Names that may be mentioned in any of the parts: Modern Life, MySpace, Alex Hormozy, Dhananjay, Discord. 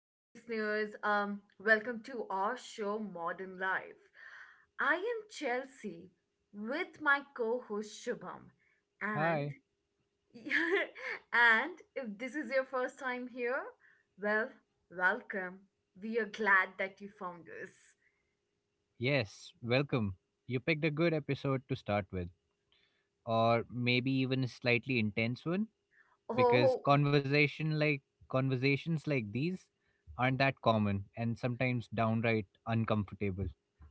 hey, listeners. Welcome to our show, Modern Life. I am Chelsea with my co-host Shubham, and Hi. and if this is your first time here, well, welcome. We are glad that you found us. Yes, welcome. You picked a good episode to start with, or maybe even a slightly intense one, because Oh, conversations like these aren't that common and sometimes downright uncomfortable.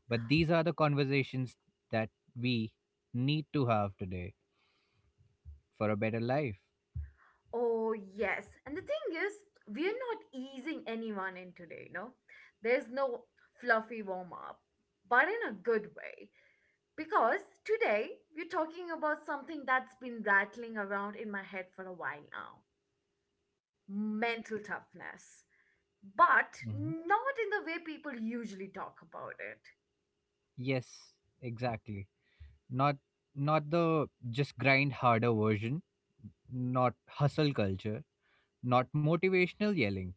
But these are the conversations that we need to have today for a better life. oh yes. And the thing is, we are not easing anyone in today. No, there's no fluffy warm up, but in a good way. Because today we're talking about something that's been rattling around in my head for a while now, mental toughness. But Hmm. not in the way people usually talk about it. Yes, exactly. Not not the just grind harder version, not hustle culture, not motivational yelling,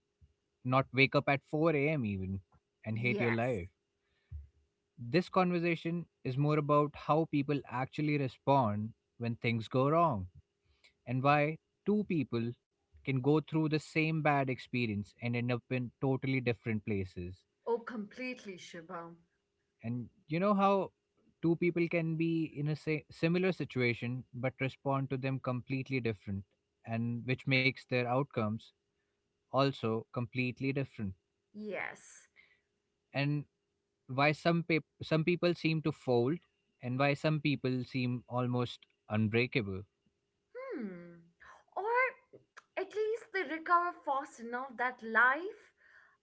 not wake up at 4 a.m. even and hate your Yes. life. This conversation is more about how people actually respond when things go wrong and why two people can go through the same bad experience and end up in totally different places. Oh, completely, Shubham. And you know how two people can be in a similar situation but respond to them completely different, and which makes their outcomes also completely different. Yes. And why some people seem to fold and why some people seem almost unbreakable. Hmm. Or at least they recover fast enough that life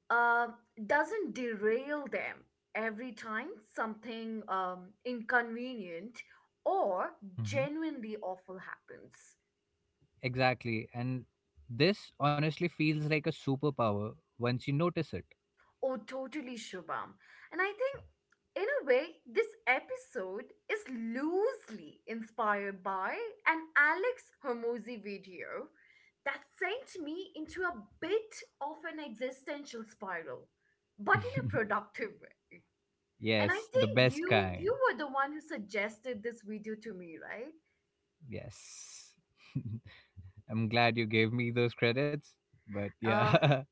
uh, doesn't derail them every time something inconvenient or Hmm, genuinely awful happens. exactly. And this honestly feels like a superpower once you notice it. Oh, totally, Shubham. And I think, in a way, this episode is loosely inspired by an Alex Hormozy video that sent me into a bit of an existential spiral, but in a productive way. And I Yes, the think best you kind. you were the one who suggested this video to me, right? Yes. I'm glad you gave me those credits, but Uh, yeah.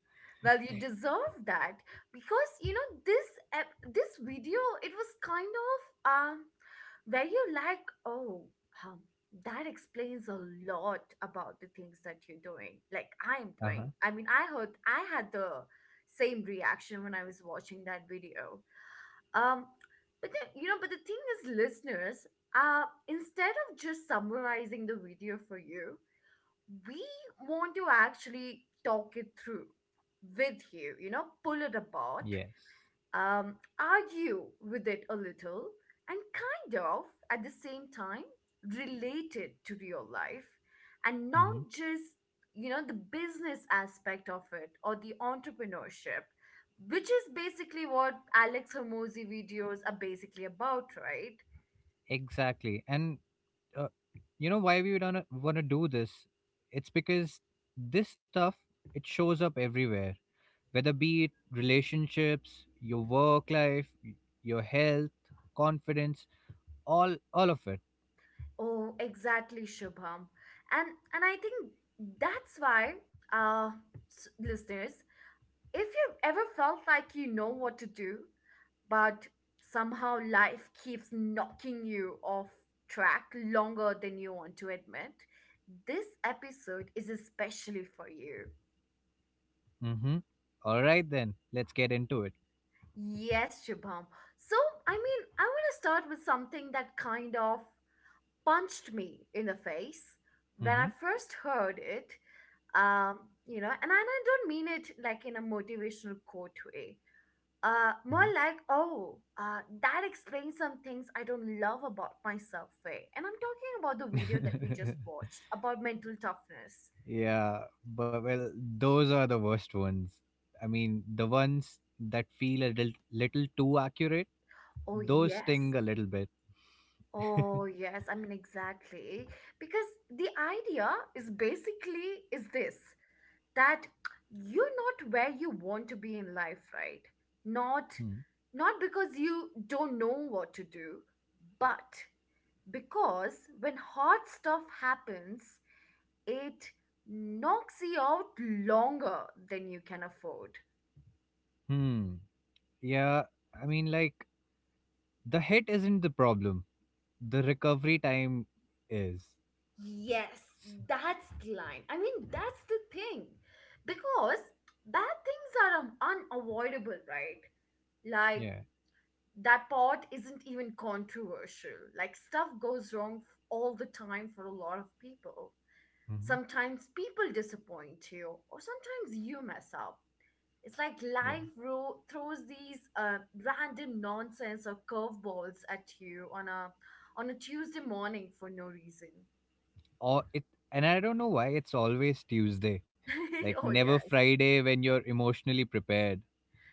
Well, you deserve that because you know this video. It was kind of where you're like, oh, um, that explains a lot about the things that you're doing. Like I'm Uh-huh. doing. I mean, I heard I had the same reaction when I was watching that video. Um, but then but the thing is, listeners, instead of just summarizing the video for you, we want to actually talk it through with you, pull it apart, Yes. Argue with it a little, and kind of at the same time relate it to real life and not Hmm, just, the business aspect of it or the entrepreneurship, which is basically what Alex Hormozy videos are basically about, right? exactly. And uh, you know why we don't want to do this? It's because this stuff, it shows up everywhere, whether be it relationships, your work life, your health, confidence, all of it. Oh, exactly, Shubham. And I think that's why, uh, listeners, if you ever felt like you know what to do, but somehow life keeps knocking you off track longer than you want to admit, this episode is especially for you. Mm-hmm. All right then, let's get into it. Yes, Shubham. So, I mean, I want to start with something that kind of punched me in the face when I Mm-hmm. first heard it um, and I don't mean it like in a motivational quote way. More like, oh, that explains some things I don't love about myself way. And I'm talking about the video that we just Hmm. watched about mental toughness. Yeah, but well, those are the worst ones. I mean, the ones that feel a little too accurate, Oh, those yes. sting a little bit. Oh, yes. I mean, exactly. Because the idea is basically is this. That you're not where you want to be in life, right? not Hmm. not because you don't know what to do, but because when hard stuff happens, it knocks you out longer than you can afford. Hmm. Yeah, I mean, like, the hit isn't the problem. The recovery time is. Yes, S- that's the line. I mean, that's the thing. Because bad things are unavoidable, right? Like Yeah. that part isn't even controversial. Like stuff goes wrong all the time for a lot of people. Mm-hmm. Sometimes people disappoint you, or sometimes you mess up. It's like Yeah. life throws these random nonsense or curveballs at you on a Tuesday morning for no reason. or it And I don't know why it's always Tuesday, like, Oh, never yes. Friday when you're emotionally prepared.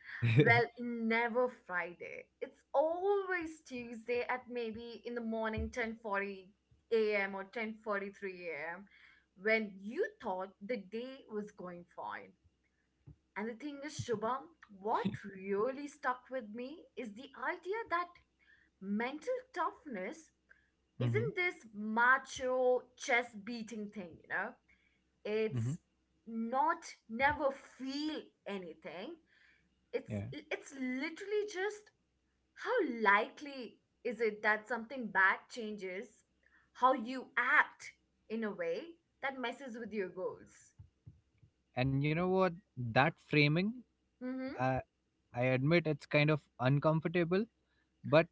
Well, Mm-hmm. never Friday. It's always Tuesday at maybe in the morning 10:40 a.m. or 10:43 a.m. when you thought the day was going fine. And the thing is, Shubham, what really stuck with me is the idea that mental toughness isn't this macho chest beating thing, you know? It's Mm-hmm. not never feel anything. It's Yeah, it's literally just how likely is it that something bad changes how you act in a way that messes with your goals? and you know what, that framing, Hmm. uh, I admit it's kind of uncomfortable, but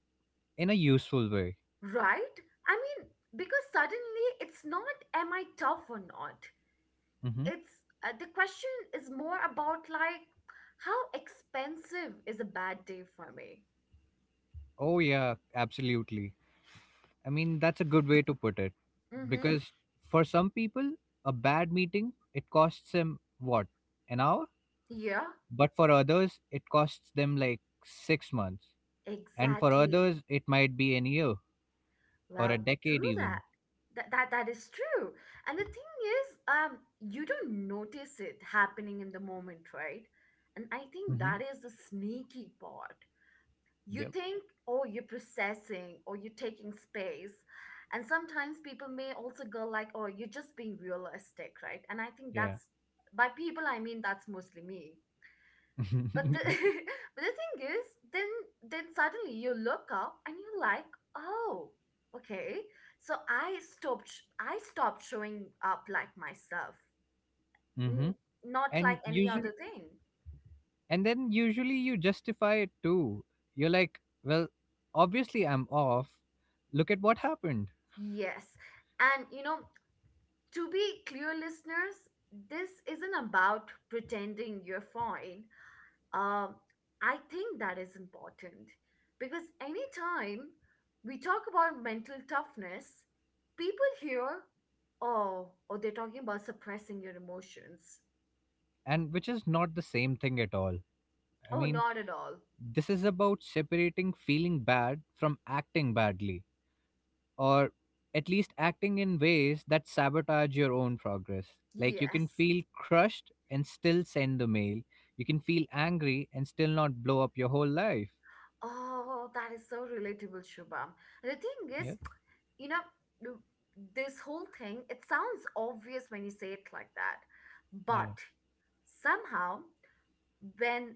in a useful way. Right? I mean, because suddenly it's not, am I tough or not? Mm-hmm. It's the question is more about like, how expensive is a bad day for me? Oh yeah, absolutely. I mean, that's a good way to put it, Hmm. because for some people a bad meeting, it costs them, what, an hour? Yeah, But for others it costs them like 6 months, and for exactly. others it might be an year, or a Well, decade true that. even. That is true. And the thing is, you don't notice it happening in the moment, right? And I think Mm-hmm. that is the sneaky part. You Yep. think, oh, you're processing or you're taking space. And sometimes people may also go like, oh, you're just being realistic, right? And I think that's Yeah. by people I mean that's mostly me, but the Mm-hmm. but the thing is, then then suddenly you look up and you're like, oh, okay, so I stopped showing up like myself, n- not and like any other usually thing. and then usually you justify it too. You're like, well, obviously I'm off, look at what happened. Yes. And to be clear, listeners, this isn't about pretending you're fine. Um, I think that is important because anytime we talk about mental toughness, people hear, oh, oh, they're talking about suppressing your emotions. And which is not the same thing at all. I Oh, mean, not at all. this is about separating feeling bad from acting badly, or at least acting in ways that sabotage your own progress. Like, you can Yes. feel crushed and still send the mail. You can feel angry and still not blow up your whole life. Oh, that is so relatable, Shubham. The thing Yeah. is, you know, th- this whole thing, it sounds obvious when you say it like that, Yeah. but somehow when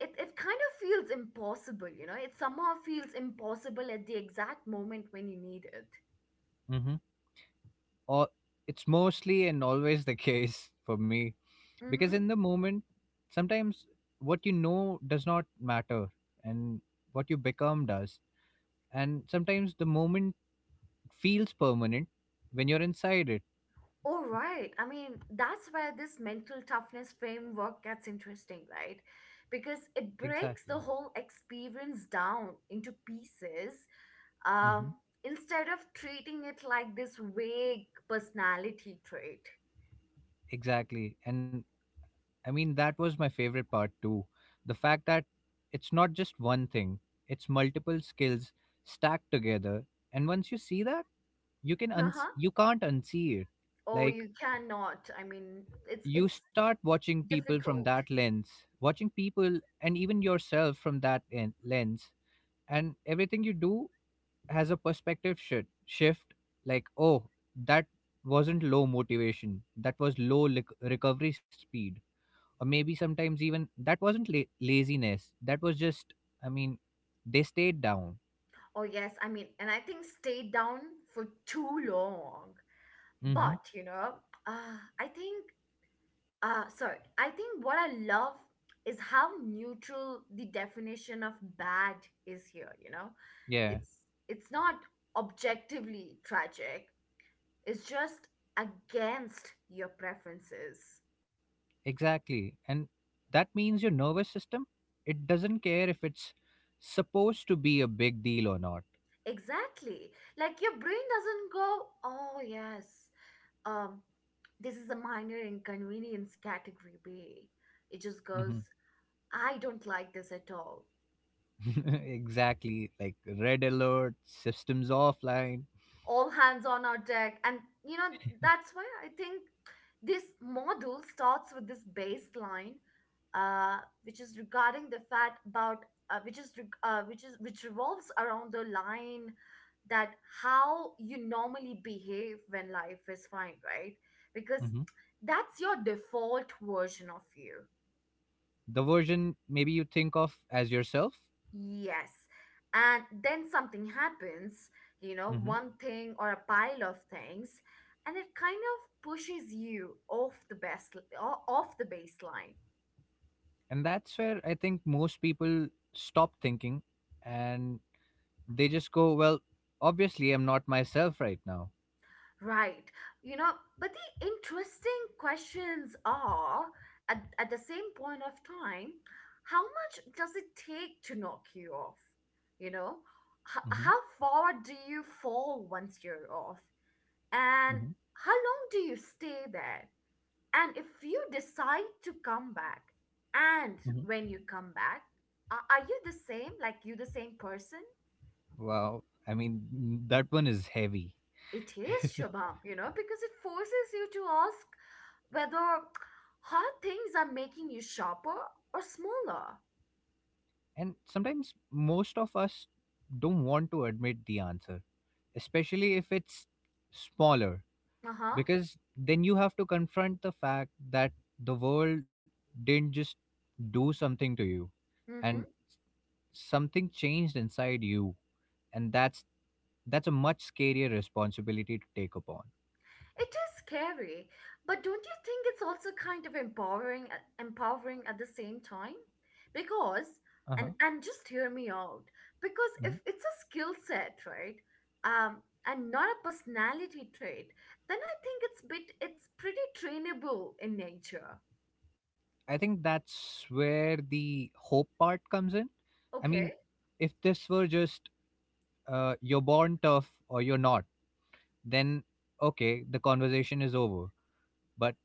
it kind of feels impossible, you know? It somehow feels impossible at the exact moment when you need it. Mm-hmm. Or, it's mostly and always the case for me, because Mm-hmm. in the moment, sometimes what you know does not matter, and what you become does. And sometimes the moment feels permanent when you're inside it. All right. I mean, that's where this mental toughness framework gets interesting, right? Because it breaks Exactly. the whole experience down into pieces uh, Hmm. instead of treating it like this vague personality trait. Exactly. And I mean, that was my favorite part too. The fact that it's not just one thing, it's multiple skills stacked together. And once you see that, Uh-huh. you can't unsee it. Oh, Like, you cannot. I mean, it's you it's start watching people from difficult. that lens, watching people and even yourself from that lens, and everything you do has a perspective shift, like, oh, that wasn't low motivation, that was low lic recovery speed. Or maybe sometimes even that wasn't laziness, that was just, I mean, they stayed down. Oh, yes. I mean, and I think stayed down for too long. Mm-hmm. But, I think, sorry, I think what I love is how neutral the definition of bad is here, you know? Yeah, It's not objectively tragic. It's just against your preferences. exactly. And that means your nervous system, it doesn't care if it's supposed to be a big deal or not. Exactly. Like your brain doesn't go, "Oh, yes. Um, this is a minor inconvenience category B." It just Mm-hmm. goes, I don't like this at all. Exactly, like, red alert systems offline. All hands on our deck. And, that's why I think this model starts with this baseline, uh, which is regarding the fact about, which revolves around the line that how you normally behave when life is fine, right? Because Mm-hmm. that's your default version of you. The version maybe you think of as yourself. Yes. And then something happens, Mm-hmm. one thing or a pile of things, and it kind of pushes you off the baseline. And that's where I think most people stop thinking, and they just go, well, obviously I'm not myself right now. Right. You know, but the interesting questions are at the same point of time, how much does it take to knock you off? You know, H- Hmm. how far do you fall once you're off? And Hmm. how long do you stay there? And if you decide to come back, and Hmm. when you come back, are you the same? Like you the same person? Wow. I mean, that one is heavy. It is Shabam, because it forces you to ask whether hard things are making you sharper or smaller. And sometimes most of us don't want to admit the answer, especially if it's smaller, Uh huh. because then you have to confront the fact that the world didn't just do something to you, Mm and hmm. something changed inside you. And that's a much scarier responsibility to take upon. It is scary, but don't you think it's also kind of empowering empowering at the same time? Because Uh-huh. and just hear me out. Because if it's a skill set, right? And not a personality trait, then I think it's pretty trainable in nature. I think that's where the hope part comes in. I mean, Okay. if this were just you're born tough or you're not, then okay, the conversation is over. But.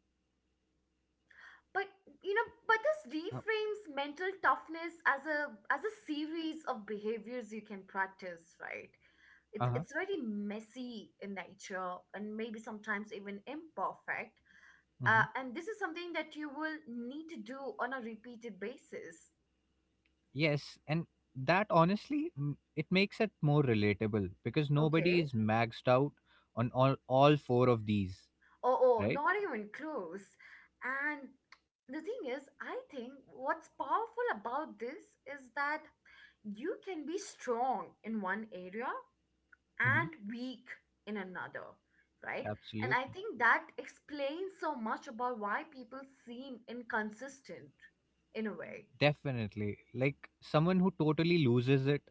but you know but this Uh reframes mental toughness as a series of behaviors you can practice, right? it's huh, it's very messy in nature and maybe sometimes even imperfect, hmm. and this is something that you will need to do on a repeated basis. Yes, and that honestly, it makes it more relatable because nobody Okay. is maxed out on all four of these, Oh, oh right? not even close. And the thing is, I think what's powerful about this is that you can be strong in one area Hmm. and weak in another, right? And I Absolutely. think that explains so much about why people seem inconsistent in a way. Definitely. Like, someone who totally loses it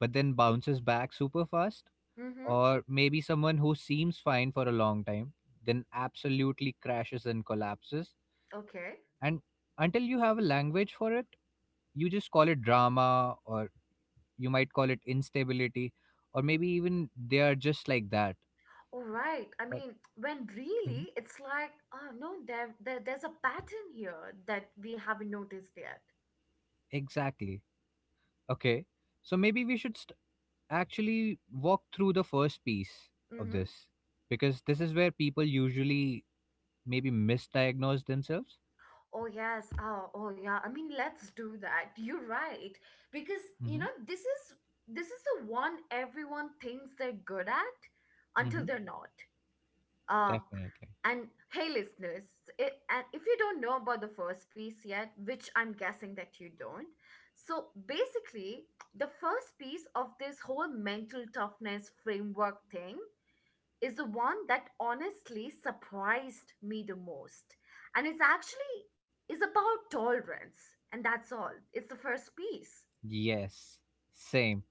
but then bounces back super fast, Mm-hmm. or maybe someone who seems fine for a long time, then absolutely crashes and collapses. Okay. And until you have a language for it, you just call it drama, or you might call it instability, or maybe even, they are just like that. All right. I But. mean, when Mhm. really it's like, oh no, there's a pattern here that we haven't noticed yet. Exactly. Okay. So maybe we should actually walk through the first piece of Mm-hmm. this, because this is where people usually maybe misdiagnose themselves. Oh yes. Oh, oh yeah. I mean, let's do that. You're right. Because Mm-hmm. This is the one everyone thinks they're good at until Mm-hmm. they're not. Uh Definitely. And hey, listeners, and if you don't know about the first piece yet, which I'm guessing that you don't, so basically, the first piece of this whole mental toughness framework thing is the one that honestly surprised me the most. And it's actually is about tolerance, and that's all. It's the first piece. Yes, same.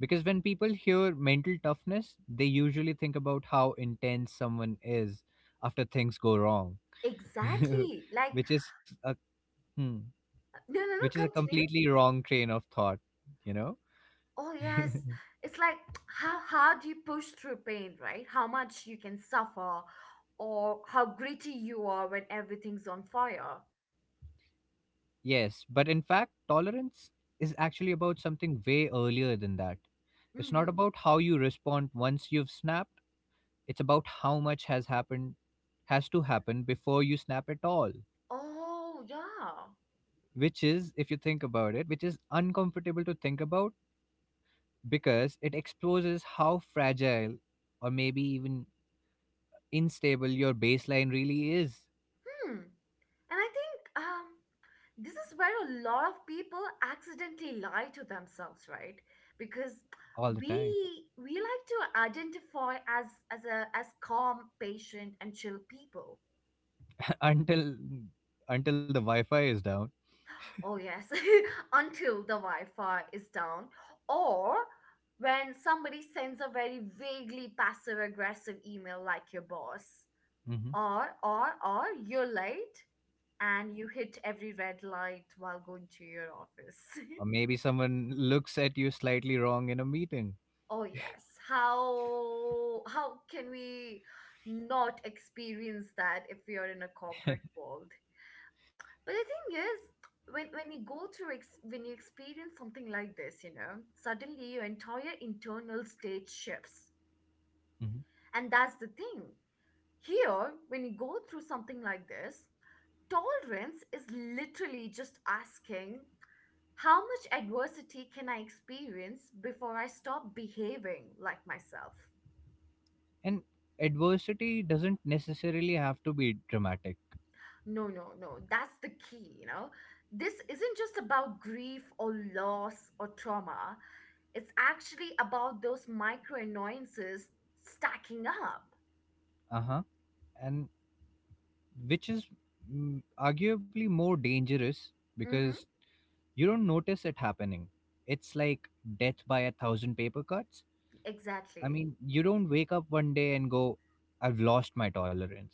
Because when people hear mental toughness, they usually think about how intense someone is after things go wrong, Exactly. Like, which is a hmm, no, no, no, which is a continue. completely wrong train of thought, you know? Oh, yes. It's like how hard you push through pain, right? How much you can suffer, or how gritty you are when everything's on fire. Yes, but in fact, tolerance is actually about something way earlier than that. It's Mm-hmm. not about how you respond once you've snapped, it's about how much has to happen before you snap at all. Oh, yeah. Which is, if you think about it, which is uncomfortable to think about, because it exposes how fragile, or maybe even unstable, your baseline really is. Hmm. And I think um, this is where a lot of people accidentally lie to themselves, right? Because All the we time. we like to identify as a as calm, patient, and chill people. until until the Wi-Fi is down. Oh, yes, until the Wi Fi is down, or when somebody sends a very vaguely passive aggressive email like your boss, Hmm. or you're late and you hit every red light while going to your office. Or maybe someone looks at you slightly wrong in a meeting. Oh, yes, how can we not experience that if we are in a corporate world? But the thing is, when you go through ex- when you experience something like this, suddenly your entire internal state shifts. Hmm. And that's the thing. Here, when you go through something like this, tolerance is literally just asking how much adversity can I experience before I stop behaving like myself? And adversity doesn't necessarily have to be dramatic. No, no, no. That's the key. You know. This isn't just about grief or loss or trauma. It's actually about those micro annoyances stacking up. Uh huh. And which is, arguably more dangerous, Mm-hmm, because you don't notice it happening. It's like death by a thousand paper cuts. I exactly. mean, you don't wake up one day and go, I've lost my tolerance.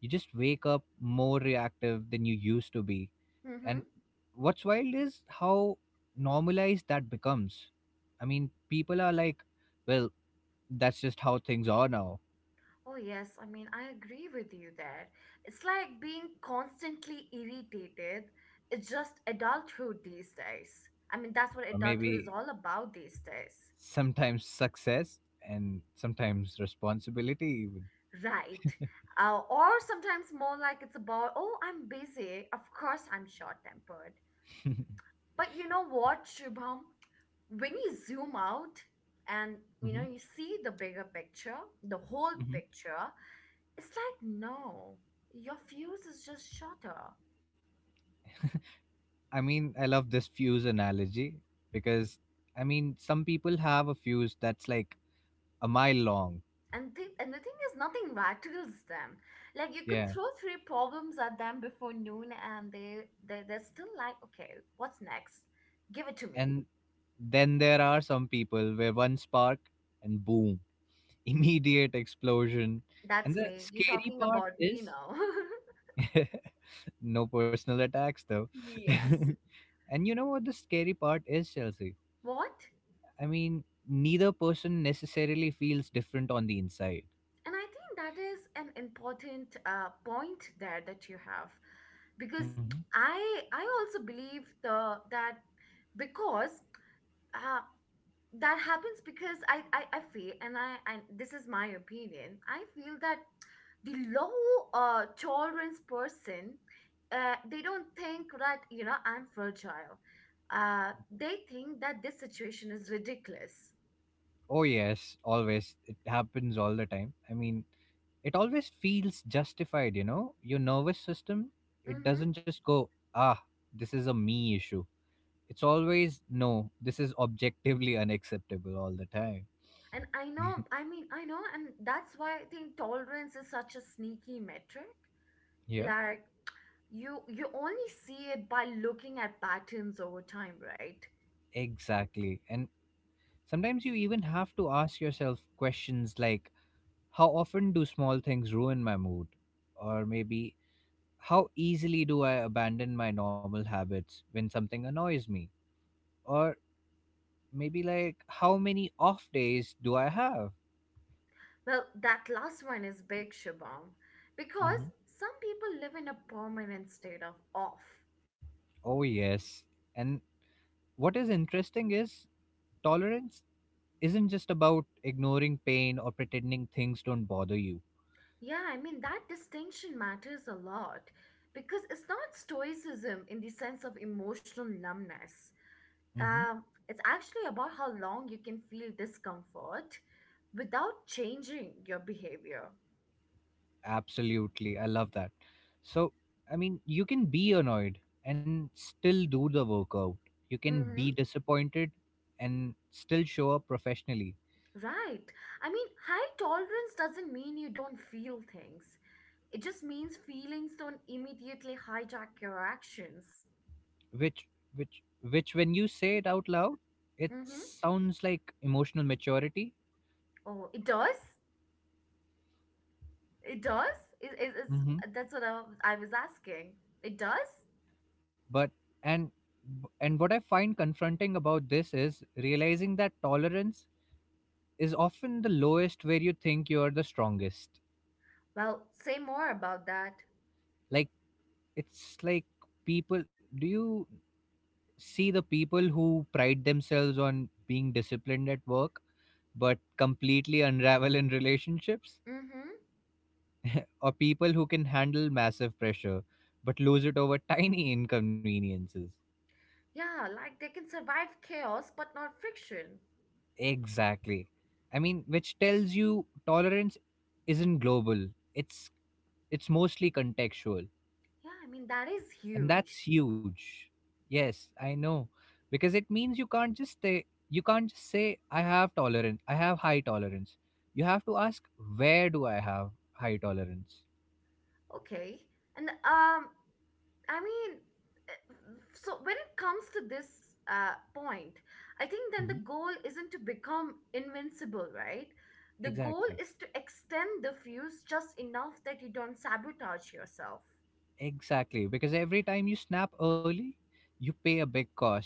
You just wake up more reactive than you used to be. Mm-hmm. And what's wild is how normalized that becomes. I mean, people are like, well, that's just how things are now. Oh, yes. I mean, I agree with you there. It's like being constantly irritated. It's just adulthood these days. I mean, that's what Or adulthood is maybe all about these days. sometimes success, and sometimes responsibility. Right. Or sometimes more like it's about, oh, I'm busy. Of course, I'm short tempered. But you know what, Shubham? When you zoom out and Hmm. you see the bigger picture, the whole picture, it's like no, your fuse is just shorter. I mean, I love this fuse analogy, because, I mean, some people have a fuse that's like a mile long. And the thing is, nothing rattles them. Like, you could Yeah. throw three problems at them before noon, and they're still like, okay, what's next, give it to me. And then there are some people where one spark and boom, immediate explosion. And That's the me, you're scary talking part about me is, now. no personal attacks though. Yes. And you know what the scary part is, Chelsea? What? I mean, neither person necessarily feels different on the inside. And I think that is an important point there that you have, because Hmm. I I also believe the that because uh, that happens because I feel, and this is my opinion, I feel that the low tolerance person, they don't think that I'm fragile. Uh, they think that this situation is ridiculous. Oh yes, always. It happens all the time. I mean, it always feels justified, you know? Your nervous system, it Mm-hmm. doesn't just go, ah, this is a me issue. It's always, no, this is objectively unacceptable all the time. And I know, I mean, I know, and that's why I think tolerance is such a sneaky metric. Yeah, Like, you only see it by looking at patterns over time, right? exactly. And sometimes you even have to ask yourself questions like, how often do small things ruin my mood? Or maybe, how easily do I abandon my normal habits when something annoys me? Or maybe like, how many off days do I have? Well, that last one is big, Shabam, because Mhm. some people live in a permanent state of off. Oh, yes. And what is interesting is, tolerance isn't just about ignoring pain or pretending things don't bother you. Yeah, I mean, that distinction matters a lot because it's not stoicism in the sense of emotional numbness. Hmm. Um, it's actually about how long you can feel discomfort without changing your behavior. Absolutely. I love that. So, I mean, you can be annoyed and still do the workout, you can Mm-hmm. be disappointed and still show up professionally, Right. I mean, high tolerance doesn't mean you don't feel things. It just means feelings don't immediately hijack your actions. which, which, which, when you say it out loud, it Mm-hmm. sounds like emotional maturity. Oh, it does? It does? Is Hmm. That's what I was asking. It does? But, and what I find confronting about this is realizing that tolerance is often the lowest where you think you're the strongest. Well, say more about that. Like, it's like, people do you see the people who pride themselves on being disciplined at work but completely unravel in relationships, Mm-hmm. or people who can handle massive pressure but lose it over tiny inconveniences? Yeah, like they can survive chaos but not friction. Exactly. I mean, which tells you tolerance isn't global, it's It's mostly contextual, Yeah, I mean that is and huge. that's huge. Yes, I know, because it means you can't just say, I have tolerance, I have high tolerance. You have to ask, where do I have high tolerance? Okay. And I mean, so when it comes to this point, I think then Mhm. the goal isn't to become invincible, right? The goal Exactly. is to extend the fuse just enough that you don't sabotage yourself. Exactly. Because every time you snap early, you pay a big cost.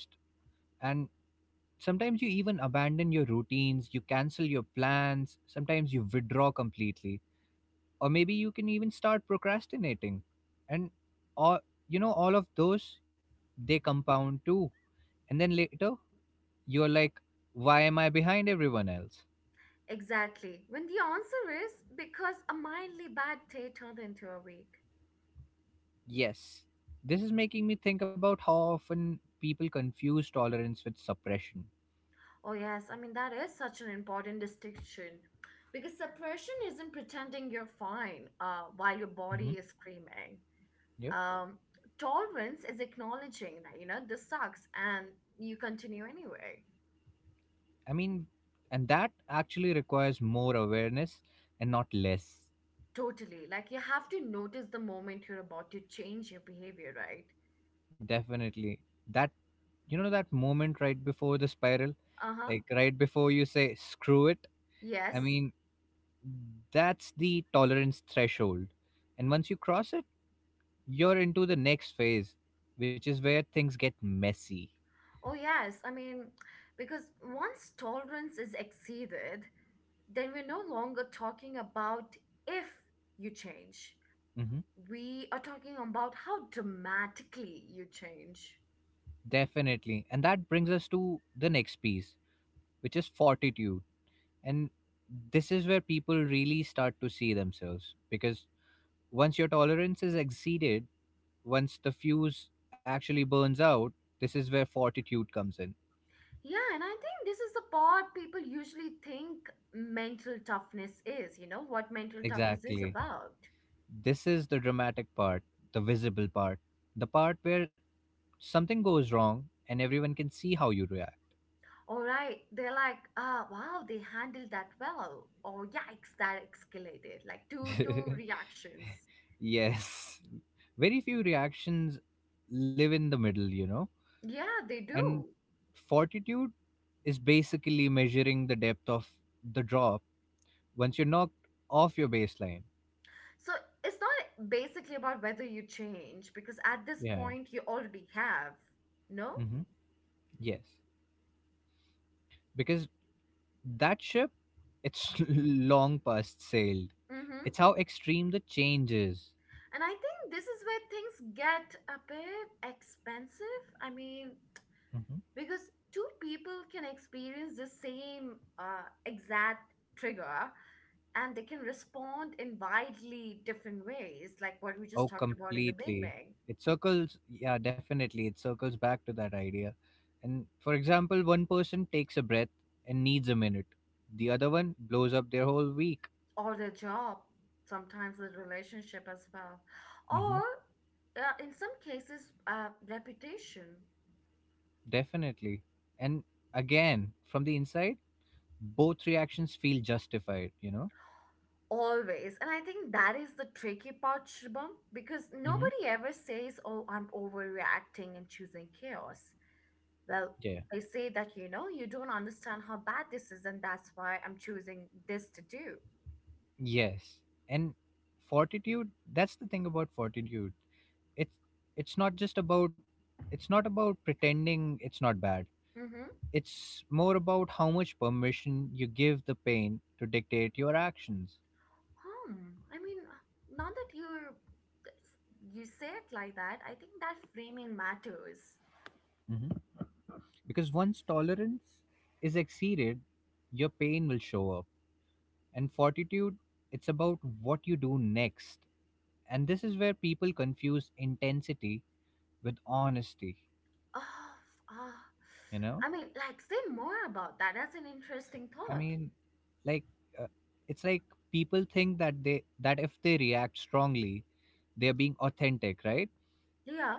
And sometimes you even abandon your routines, you cancel your plans, sometimes you withdraw completely. Or maybe you can even start procrastinating, and all you know all of those, they compound too, and then later you're like, why am I behind everyone else? Exactly. When the answer is because a mildly bad day turned into a week. Yes. This is making me think about how often people confuse tolerance with suppression. Oh, yes. I mean, that is such an important distinction because suppression isn't pretending you're fine while your body Hmm. is screaming. Yep. Um, Tolerance is acknowledging that, this sucks and you continue anyway. I mean, and that actually requires more awareness and not less. Totally. Like, you have to notice the moment you're about to change your behavior, right? Definitely. That you know that moment right before the spiral, Uh huh. like, right before you say screw it, I Yes. mean, that's the tolerance threshold. And once you cross it, you're into the next phase, which is where things get messy. Oh, yes. I mean, because once tolerance is exceeded, then we're no longer talking about if you change, Hmm. we are talking about how dramatically you change. Definitely. And that brings us to the next piece, which is fortitude. And this is where people really start to see themselves because once your tolerance is exceeded, once the fuse actually burns out, this is where fortitude comes in. Yeah, and I think this is the part people usually think mental toughness is, what mental toughness is Exactly. about. This is the dramatic part, the visible part, the part where something goes wrong and everyone can see how you All right, they're like, ah, wow, they handled that well. Or yikes, that escalated. Like two react. reactions. Yes. Very few reactions live in the middle, you know. Yeah, they And do. fortitude is basically measuring the depth of the drop once you're knocked off your baseline. So it's not basically about whether you change because at this Yeah. point you already have. No? Hmm. Yes. Because that ship, it's long past sailed. Mm-hmm. It's how extreme the change is. And I think this is where things get a bit expensive. I mean, Mhm. because two people can experience the same exact trigger and they can respond in widely different ways, like what we just Oh, talked about in the completely. beginning, It circles, yeah, definitely. It circles back to that idea. And for example, one person takes a breath and needs a minute, the other one blows up their whole week. or their job, sometimes the relationship as well, or Hmm. In some cases, reputation. Definitely. And again, from the inside, both reactions feel justified, you know? Always. And I think that is the tricky part, Shubham, because Hmm. nobody ever says, oh, I'm overreacting and choosing chaos. Well, Yeah, yeah. they say that, you don't understand how bad this is, and that's why I'm choosing this to do. Yes. And fortitude, that's the thing about fortitude. It's it's not just about it's not about pretending it's not bad. Mm-hmm. It's more about how much permission you give the pain to dictate your actions. Hmm. I mean, now that you say it like that, I think that framing matters. Mhm. Because once tolerance is exceeded, your pain will show up. And fortitude, it's about what you do next. And this is where people confuse intensity with honesty, Oh. you know? I mean, like, say more about that. That's an interesting I thought. mean, like uh, it's like people think that they that if they react strongly, they're being authentic, right? Yeah.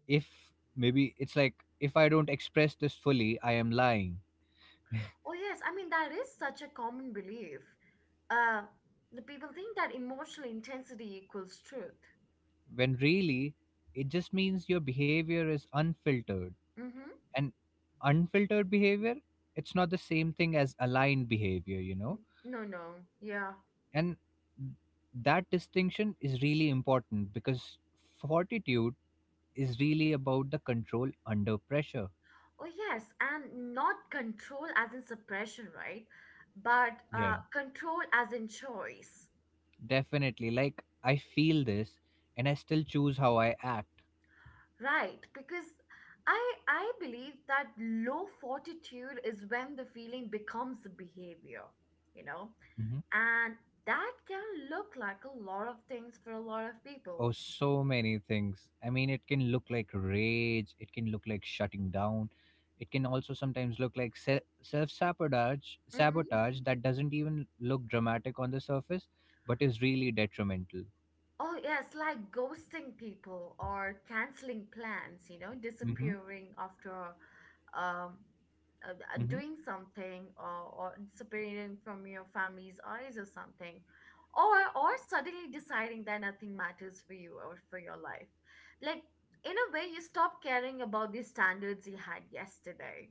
If maybe it's like if I don't express this fully, I am lying. Oh, yes. I mean, that is such a common belief. Uh, the people think that emotional intensity equals truth. When really, it just means your behavior is unfiltered, Mm-hmm. and unfiltered behavior, it's not the same thing as aligned behavior, you know. No, no. Yeah. And that distinction is really important because fortitude is really about the control under pressure. Oh, yes. And not control as in suppression, right? But Yeah, control as in choice, definitely. Like I feel this and I still choose how I act. right? Because I I believe that low fortitude is when the feeling becomes a behavior, you know, and that can look like a lot of things for a lot of Oh, people. so many things. I mean, it can look like rage, it can look like shutting down, it can also sometimes look like self sabotage, Mm-hmm. sabotage that doesn't even look dramatic on the surface, but is really detrimental. Oh, yes, like ghosting people or canceling plans, Mm-hmm. disappearing after um, Mm-hmm. doing something, or disappearing from your family's eyes or something. Or suddenly deciding that nothing matters for you or for your life. Like, in a way, you stop caring about the standards you had yesterday.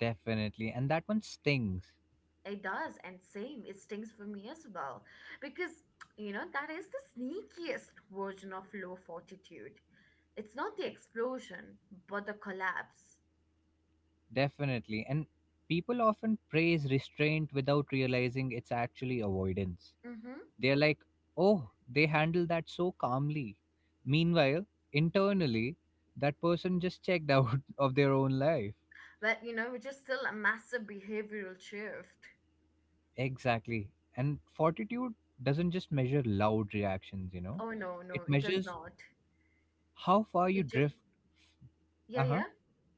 Definitely. And that one stings. It does, and same, it stings for me as well. Because that is the sneakiest version of low fortitude. It's not the explosion, but the collapse. Definitely. And people often praise restraint without realizing it's actually avoidance. Mm-hmm. They're like, oh, they handle that so calmly. Meanwhile, internally, that person just checked out of their own life. But which is still a massive behavioral shift. Exactly. And fortitude doesn't just measure loud reactions, you know, Oh no, no, it it does measures not. how far you It just drift. Yeah, Uh huh. yeah.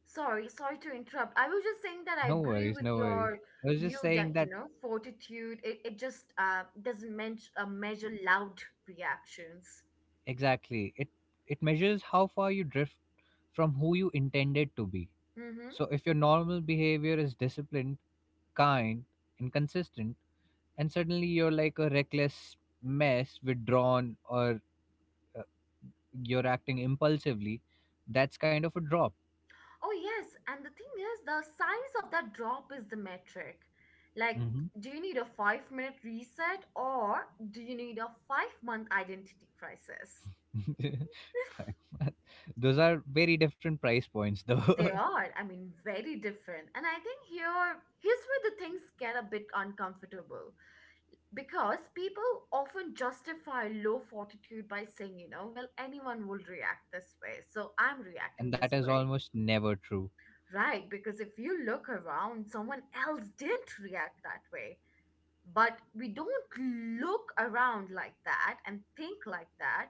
Sorry, sorry to interrupt. I was just saying that I No agree worries, with no worries. your I was view just saying that that fortitude, it just doesn't measure loud reactions. exactly. It measures how far you drift from who you intended to be. So if your normal behavior is disciplined, kind, and consistent, and suddenly you're like a reckless mess, withdrawn, or you're acting impulsively, that's kind of a drop. Oh, yes. And the thing is, the size of that drop is the metric. Like, Hmm. do you need a 5-minute reset or do you need a 5-month identity crisis? Five month- Those are very different price points, though. They are, I mean, very different. And I think here's where the things get a bit uncomfortable because people often justify low fortitude by saying, well, anyone will react this way. So I'm reacting And that this is way. almost never true. Right, because if you look around, someone else didn't react that way. But we don't look around like that and think like that,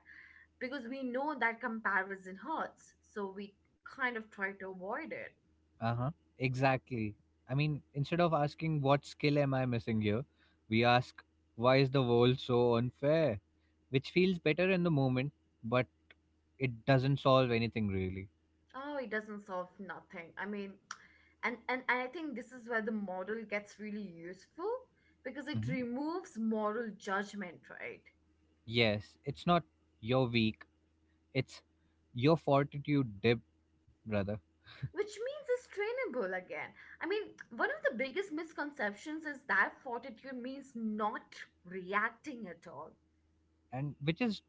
because we know that comparison hurts, so we kind of try to avoid it. Uh huh. Exactly. I mean, instead of asking what skill am I missing here, we ask why is the world so unfair, which feels better in the moment, but it doesn't solve anything really. Oh, it doesn't solve nothing. I mean, and I think this is where the model gets really useful because it Hmm. removes moral judgment, right? Yes, it's not you're weak, it's your fortitude dip, brother, Which means it's trainable again. I mean, one of the biggest misconceptions is that fortitude means not reacting at all. and which is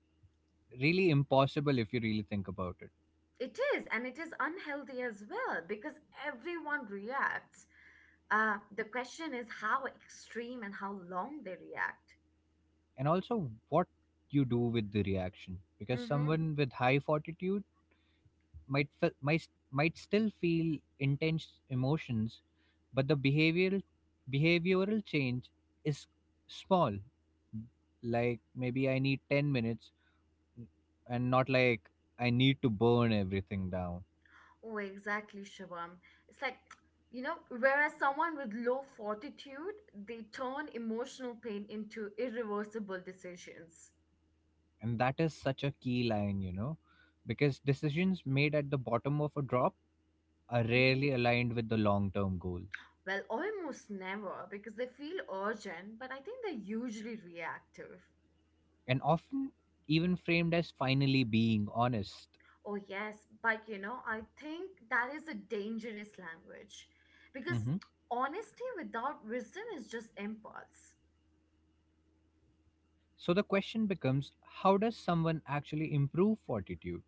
really impossible if you really think about it. It is, and it is unhealthy as well because everyone reacts. The question is how extreme and how long they react. And also, what you do with the reaction, because Mm-hmm. someone with high fortitude might fe- might still feel intense emotions, but the behavioral change is small. Like maybe I need 10 minutes, and not like I need to burn everything down. Oh, exactly, Shivam. It's like, whereas someone with low fortitude, they turn emotional pain into irreversible decisions. And that is such a key line, you know, because decisions made at the bottom of a drop are Mhm. rarely aligned with the long term goals, Well, almost never because they feel urgent, but I think they're usually reactive. and often even framed as finally being honest. Oh, yes, but I think that is a dangerous language because Hmm. honesty without wisdom is just impulse. So the question becomes, how does someone actually improve fortitude?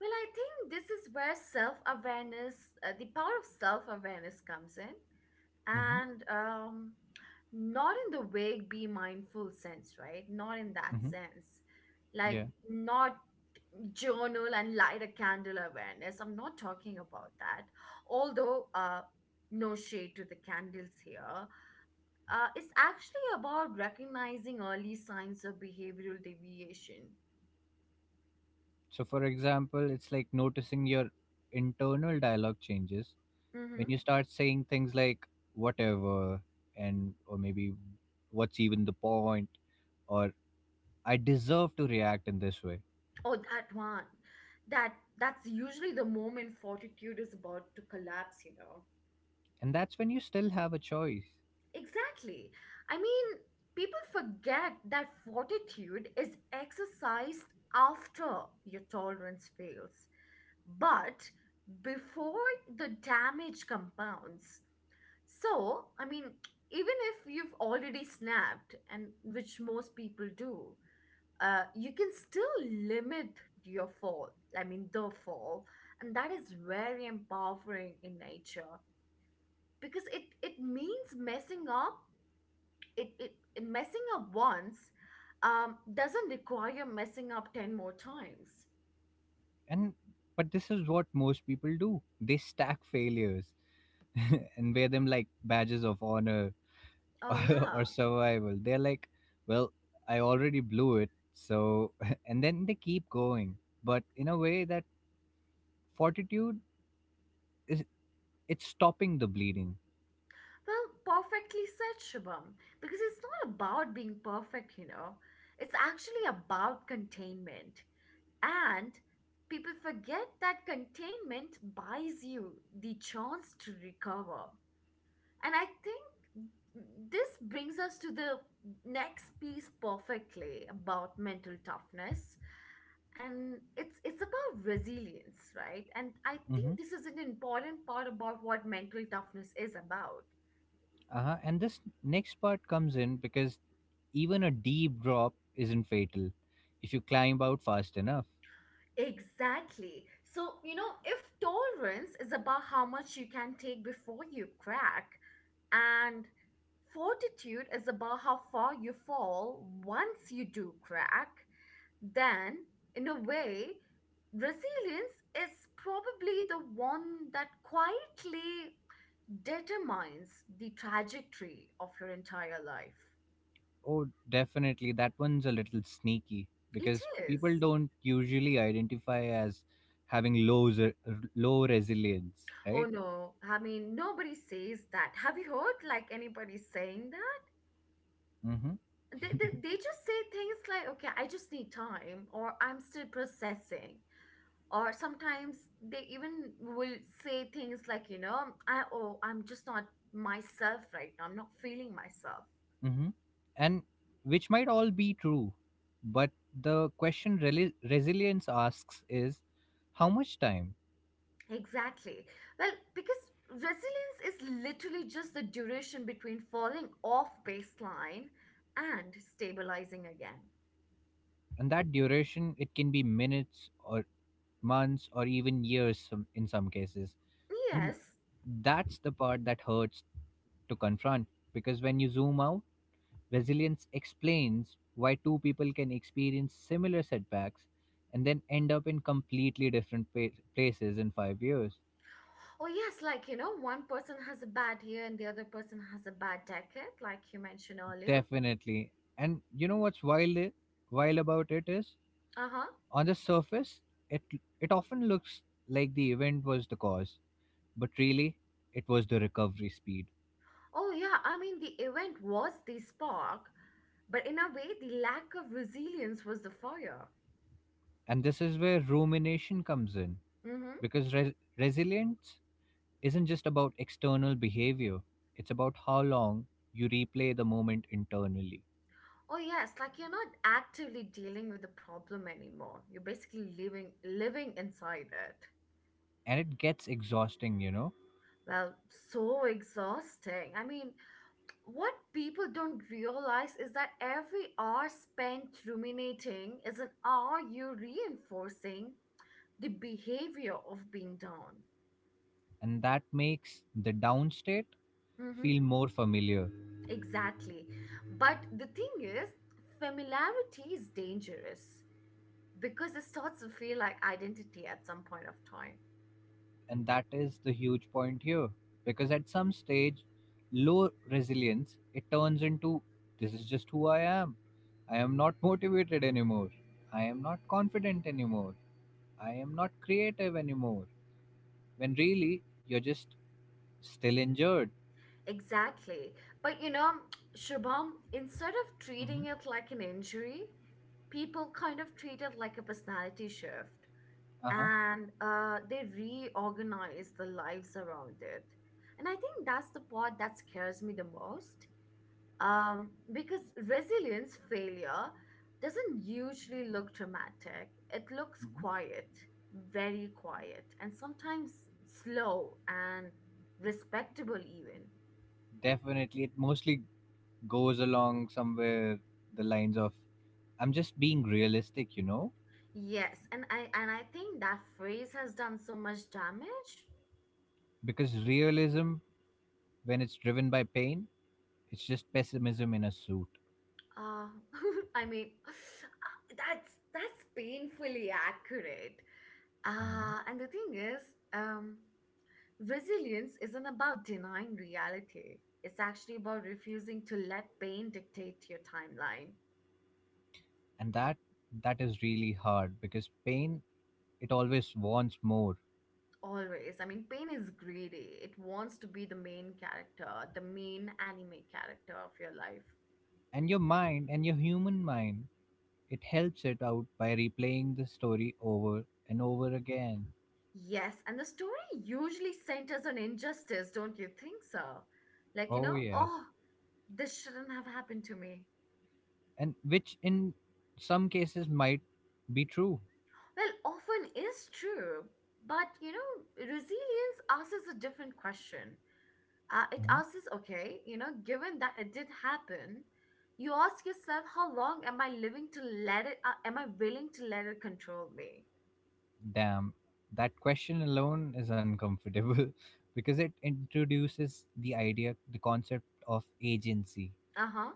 Well, I think this is where self awareness, the power of self awareness comes in, Hmm. and not in the vague be mindful sense, right? Not in that Hmm. sense. Like, Yeah. not journal and light a candle awareness. I'm not talking about that. Although, no shade to the candles here. It's actually about recognizing early signs of behavioral deviation. So, for example, it's like noticing your internal dialogue changes when Hmm. you start saying things like whatever, and or maybe what's even the point, or I deserve to react in this way. Oh, that one. That's usually the moment fortitude is about to collapse. You know. And that's when you still have a choice. Exactly. I mean, people forget that fortitude is exercised after your tolerance fails, but before the damage compounds. So, I mean, even if you've already snapped, and which most people do, you can still limit your fall. I mean, the fall, and that is very empowering in nature because it means messing up. Messing up once, doesn't require messing up 10 more times. And but this is what most people do. They stack failures and wear them like badges of honor Oh yeah. or survival. They're like, well, I already blew it. So and then they keep going, but in a way that fortitude is, it's stopping the bleeding. Well, perfectly said, Shubham, because it's not about being perfect. It's actually about containment. And people forget that containment buys you the chance to recover. And I think this brings us to the next piece perfectly about mental toughness, and it's about resilience, right? And I Hmm. think this is an important part about what mental toughness is about. Uh-huh. And this next part comes in because even a deep drop isn't fatal if you climb out fast enough. Exactly. So, if tolerance is about how much you can take before you crack, and fortitude is about how far you fall once you do crack, then, in a way, resilience is probably the one that quietly determines the trajectory of your entire life. Oh, definitely. That one's a little sneaky It because people is. don't usually identify as having low resilience, Oh right? no, I mean, nobody says that. Have you heard like anybody saying that? Mm-hmm. they, they, they just say things like, okay, I just need time, or I'm still processing, or sometimes they even will say things like, I'm just not myself right now, I'm not feeling myself. Mm-hmm. And which might all be true, but the question resilience asks is, how much time? Exactly. Well, because resilience is literally just the duration between falling off baseline and stabilizing again. And that duration, it can be minutes or months or even years in some cases. And Yes. that's the part that hurts to confront, because when you zoom out, resilience explains why two people can experience similar setbacks and then end up in completely different places in 5 years. Oh, yes, like, one person has a bad year and the other person has a bad decade, like you mentioned earlier. Definitely. And you know what's wild about it is, Uh huh. on the surface, it it often looks like the event was the cause, but really it was the recovery speed. Oh, yeah. I mean, the event was the spark, but in a way, the lack of resilience was the fire. And this is where rumination comes in, Mm-hmm. because resilience isn't just about external behavior, it's about how long you replay the moment internally. Oh, yes. Like, you're not actively dealing with the problem anymore. You're basically living inside it. And it gets exhausting, you know, Well, so exhausting. I mean, what people don't realize is that every hour spent ruminating is an hour you're reinforcing the behavior of being down. and that makes the down state Mm-hmm. feel more familiar. Exactly. But the thing is, familiarity is dangerous because it starts to feel like identity at some point of time. And that is the huge point here, because at some stage, low resilience it turns into, this is just who I am. I am not motivated anymore. I am not confident anymore. I am not creative anymore. When really, you're just still injured. Exactly. But you know, Shubham, instead of treating Mm-hmm. it like an injury, people kind of treat it like a personality shift and they reorganize the lives around it. And I think that's the part that scares me the most. Because resilience failure doesn't usually look dramatic. It looks Mhm. quiet, very quiet, and sometimes slow and respectable even. Definitely, it mostly goes along somewhere the lines of, I'm just being realistic, you know? Yes, and I think that phrase has done so much damage. Because realism, when it's driven by pain, it's just pessimism in a suit. Uh, I mean, that's painfully accurate. Mhm. And the thing is, um, resilience isn't about denying reality. It's actually about refusing to let pain dictate your timeline. And that that is really hard because pain, it always wants more. Always. I mean, pain is greedy. It wants to be the main character, the main anime character of your life. And your mind, and your human mind, it helps it out by replaying the story over and over again. Yes, and the story usually centers on injustice, don't you think so? Like, you Oh know, yes. oh, this shouldn't have happened to me. And which in some cases might be true. Well, often is true, but you know, resilience asks us a different question. It asks us, okay, you know, given that it did happen, you ask yourself, how long am I living to let it, am I willing to let it control me? Damn, that question alone is uncomfortable because it introduces the idea, the concept of agency, Uh huh,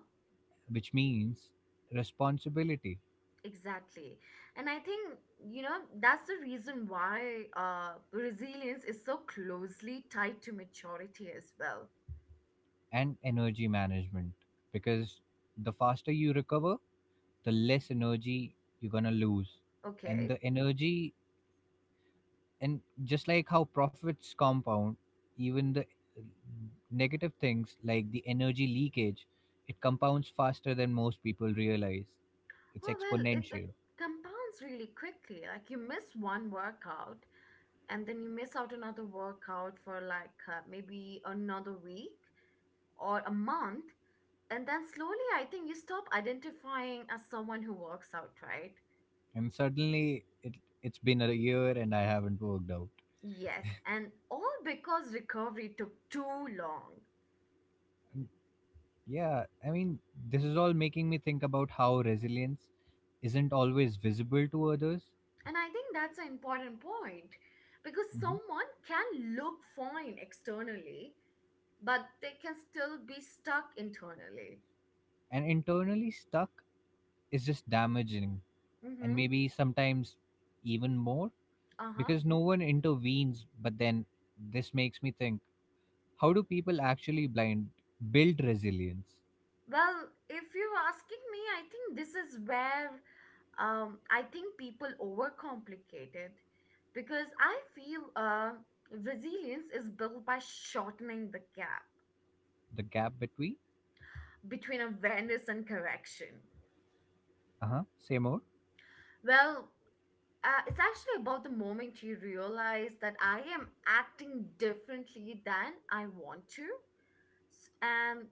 which means responsibility exactly. And I think, you know, that's the reason why resilience is so closely tied to maturity as well. and energy management. Because the faster you recover, the less energy you're gonna lose. And Okay. the energy and just like how profits compound, even the negative things like the energy leakage, it compounds faster than most people realize. It's Oh, well, it exponential. compounds really quickly. Like you miss one workout and then you miss out another workout for like maybe another week or a month. And then slowly, I think you stop identifying as someone who works out, right? And suddenly it it's been a year and I haven't worked out. Yes, and all because recovery took too long. Yeah, I mean, this is all making me think about how resilience isn't always visible to others. And I think that's an important point because Mhm. someone can look fine externally, but they can still be stuck internally. And internally stuck is just damaging, and Mm-hmm. maybe sometimes even more, Uh-huh. because no one intervenes. But then this makes me think, how do people actually blind build resilience? Well, if you're asking me, I think this is where I think people overcomplicate it because I feel resilience is built by shortening the gap The gap between. between awareness and correction. Uh-huh. Say more. Well, it's actually about the moment you realize that I am acting differently than I want to. And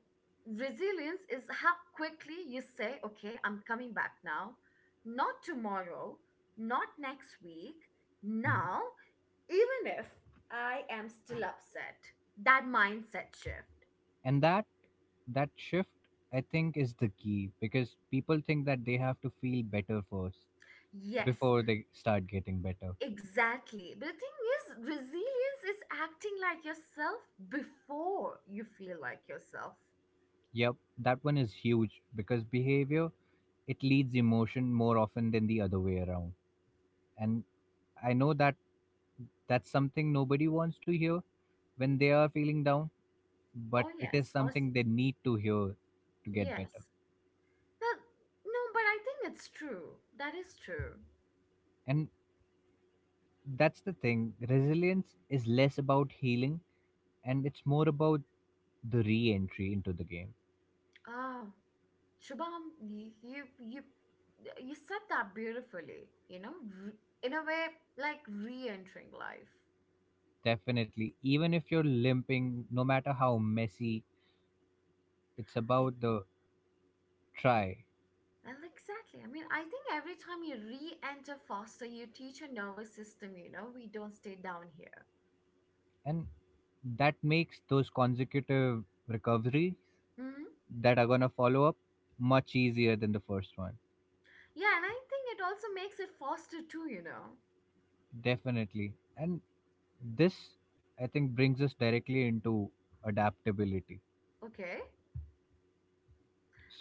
resilience is how quickly you say, okay, I'm coming back now, not tomorrow, not next week, Hmm. now, even if I am still upset. That mindset shift. And that that shift, I think, is the key, because people think that they have to feel better first Yes, before they start getting better. exactly. But the thing is, resilience is acting like yourself before you feel like yourself. Yep, that one is huge because behavior, it leads emotion more often than the other way around. And I know that that's something nobody wants to hear when they are feeling down, but Oh, it is yes. Something they need to hear to get better. Yes. Well, no, but I think it's true. That is true. And that's the thing, resilience is less about healing and it's more about the re entry into the game. Oh, Shubham, you said that beautifully. You know, re- in a way, like re entering life. Definitely, even if you're limping, no matter how messy, it's about the try. Well, exactly. I mean, I think every time you re-enter foster, you teach your nervous system, you know, we don't stay down here. And that makes those consecutive recoveries Hmm? that are going to follow up much easier than the first one. Yeah, and I think it also makes it foster too, you know. Definitely. And this, I think, brings us directly into adaptability. Okay.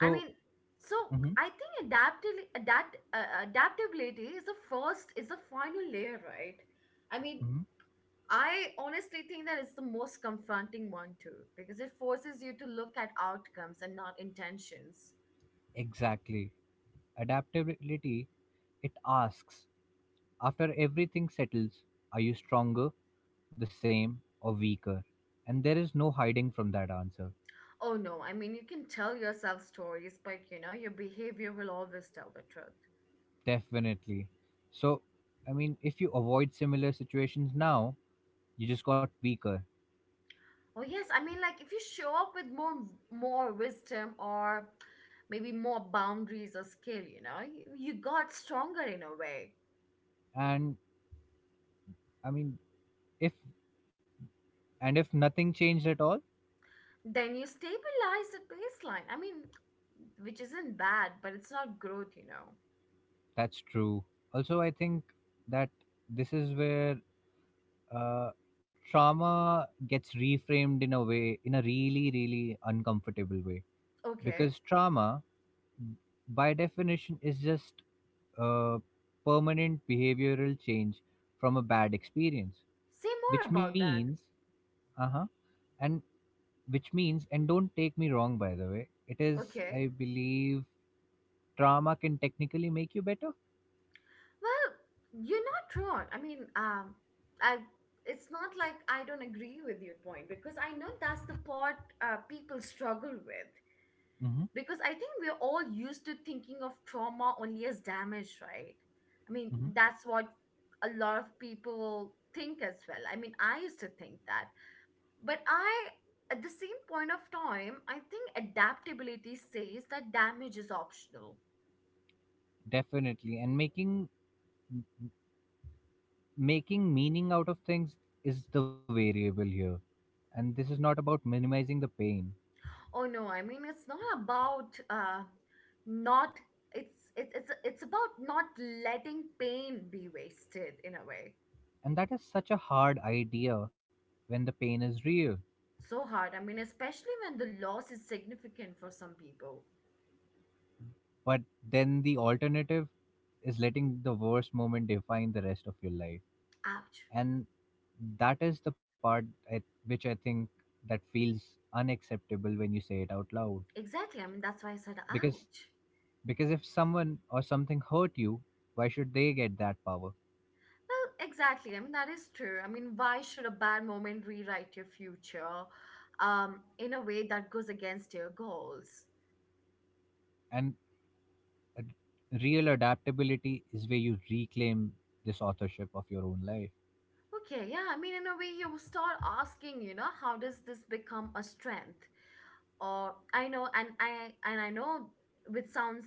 I mean, so hmm. I think adaptability is the final layer, right? I mean, Hmm. I honestly think that it's the most confronting one too, because it forces you to look at outcomes and not intentions. Exactly. Adaptability, it asks, after everything settles, are you stronger, the same, or weaker? And there is no hiding from that answer. Oh no, I mean, you can tell yourself stories, but you know, your behavior will always tell the truth. Definitely. So, I mean, if you avoid similar situations now, you just got weaker. Oh yes, I mean, like if you show up with more wisdom or maybe more boundaries or skill, you know, you got stronger in a way. And I mean, if and if nothing changed at all, Then you stabilize the baseline. I mean, which isn't bad, but it's not growth, you know. that's true. Also, I think that this is where uh, trauma gets reframed in a way in a really really uncomfortable way, Okay. because trauma by definition is just a permanent behavioral change from a bad experience, Say more which about that. means, uh-huh, and which means, and don't take me wrong by the way, it is, Okay. I believe trauma can technically make you better. Well, you're not wrong. I mean, I it's not like I don't agree with your point because I know that's the part people struggle with Hmm. because I think we're all used to thinking of trauma only as damage, right? I mean, Hmm. that's what a lot of people think as well. I mean, I used to think that, but I at the same point of time, I think adaptability says that damage is optional. Definitely. And making making meaning out of things is the variable here, and this is not about minimizing the pain. Oh no, I mean it's not about not, it's about not letting pain be wasted in a way. And that is such a hard idea when the pain is real, So hard. I mean, especially when the loss is significant for some people. but then the alternative is letting the worst moment define the rest of your life. Ouch. And that is the part at which I think that feels unacceptable when you say it out loud. Exactly. I mean, that's why I said because ouch. because if someone or something hurt you, why should they get that power? Well, exactly. I mean, that is true. I mean, why should a bad moment rewrite your future in a way that goes against your goals? And uh, real adaptability is where you reclaim this authorship of your own life. Okay, yeah, I mean, in a way, you start asking, you know, how does this become a strength? Or I know and I know which sounds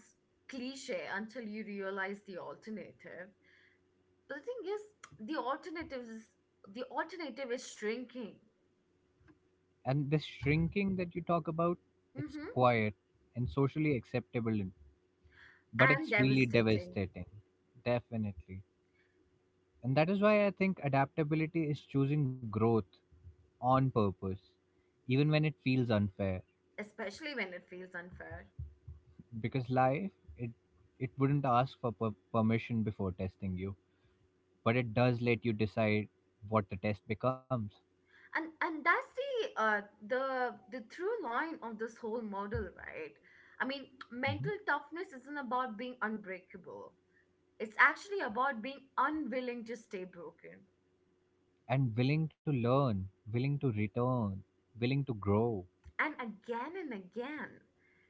cliche until you realize the alternative. But the thing is, the alternative is the alternative is shrinking. And this shrinking that you talk about, it's Hmm. quiet and socially acceptable, but And it's really devastating, devastating. Definitely. And that is why I think adaptability is choosing growth on purpose, even when it feels unfair. especially when it feels unfair. Because life, it, it wouldn't ask for permission before testing you, but it does let you decide what the test becomes. And that's the the through line of this whole model, right? I mean, Mhm. mental toughness isn't about being unbreakable, it's actually about being unwilling to stay broken. And willing to learn, willing to return, willing to grow. And again and again,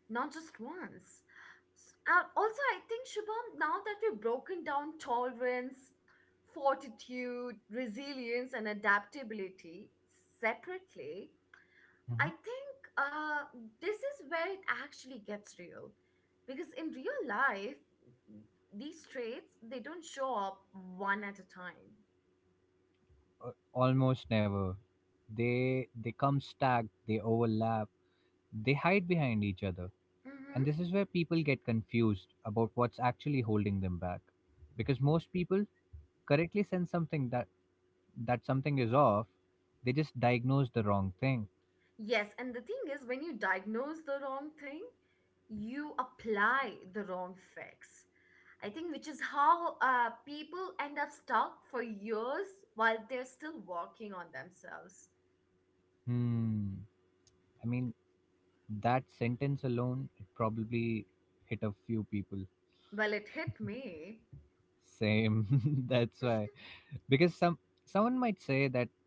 not just once. Also, I think, Shubham, now that we've broken down tolerance, fortitude, resilience, and adaptability separately, I think this is where it actually gets real. Because in real life, these traits, they don't show up one at a time. Almost never. They come stacked, they overlap, they hide behind each other. And Hmm. this is where people get confused about what's actually holding them back. Because most people correctly sense something that that something is off, they just diagnose the wrong thing. Yes, and the thing is, when you diagnose the wrong thing, you apply the wrong fix. I think, which is how people end up stuck for years while they're still working on themselves. Hmm. I mean, that sentence alone, it probably hit a few people. Well, it hit me. Same. That's why. Because someone might say that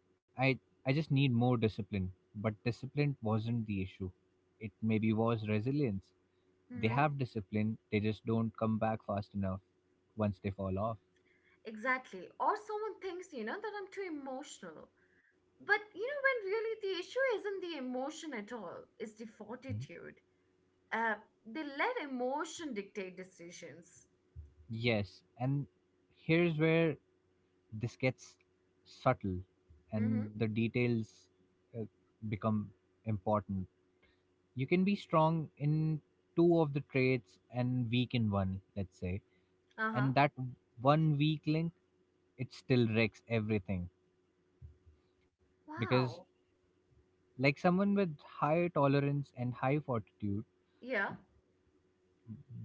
i I just need more discipline, but discipline wasn't the issue. It maybe was resilience. They Hmm. have discipline, they just don't come back fast enough once they fall off. Exactly. Or someone thinks, you know, that I'm too emotional. But, you know, when really the issue isn't the emotion at all, it's the Mhm. fortitude. Uh, they let emotion dictate decisions. Yes, and here's where this gets subtle, and Mm-hmm. the details uh, become important. You can be strong in two of the traits and weak in one, let's say, Uh huh. and that one weak link, it still wrecks everything. Because Wow. like someone with high tolerance and high fortitude Yeah.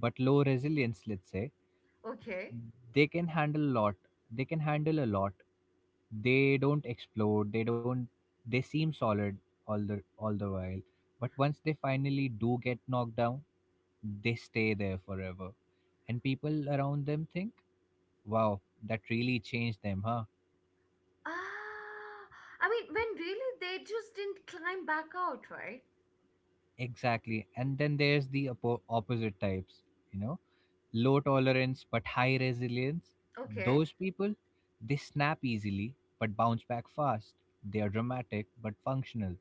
but low resilience, let's say, Okay. they can handle a lot, they don't explode, they don't, they seem solid all the while. But once they finally do get knocked down, they stay there forever, and people around them think, wow, that really changed them, huh? Ah, I mean, when really they just didn't climb back out, right? Exactly. And then there's the opposite types, you know, low tolerance but high resilience. Okay, Those people, they snap easily but bounce back fast. They are dramatic but functional.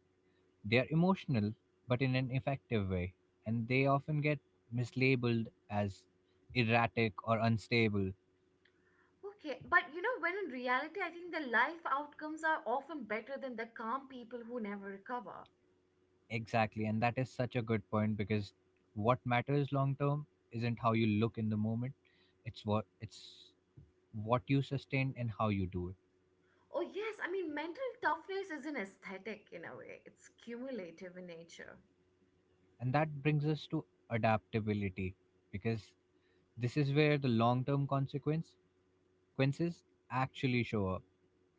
They are emotional but in an effective way. And they often get mislabeled as erratic or unstable. okay. But you know, when in reality, I think the life outcomes are often better than the calm people who never recover. Exactly. And that is such a good point because what matters long term isn't how you look in the moment, it's what you sustain and how you do it. Oh, yes, I mean, mental toughness is an aesthetic in a way, it's cumulative in nature. And that brings us to adaptability, because this is where the long term consequences actually show up.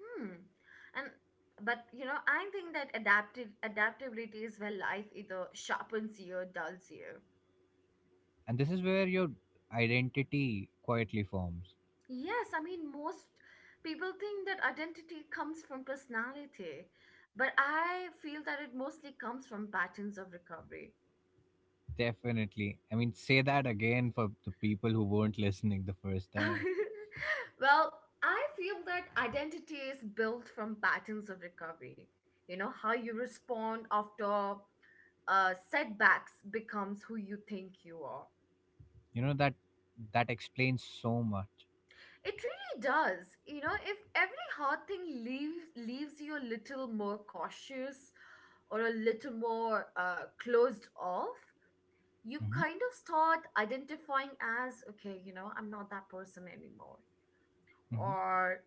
Hmm. And but you know, I think that adaptive adaptability is where life either sharpens you or dulls you. And this is where your identity quietly forms. Yes, I mean, most people think that identity comes from personality, but I feel that it mostly comes from patterns of recovery. Definitely. I mean, say that again for the people who weren't listening the first time. Well, I feel that identity is built from patterns of recovery. You know, how you respond after setbacks becomes who you think you are. You know, that explains so much. It really does. You know, if every hard thing leaves you a little more cautious or a little more closed off, you Hmm. kind of start identifying as, okay, you know, I'm not that person anymore, Hmm. or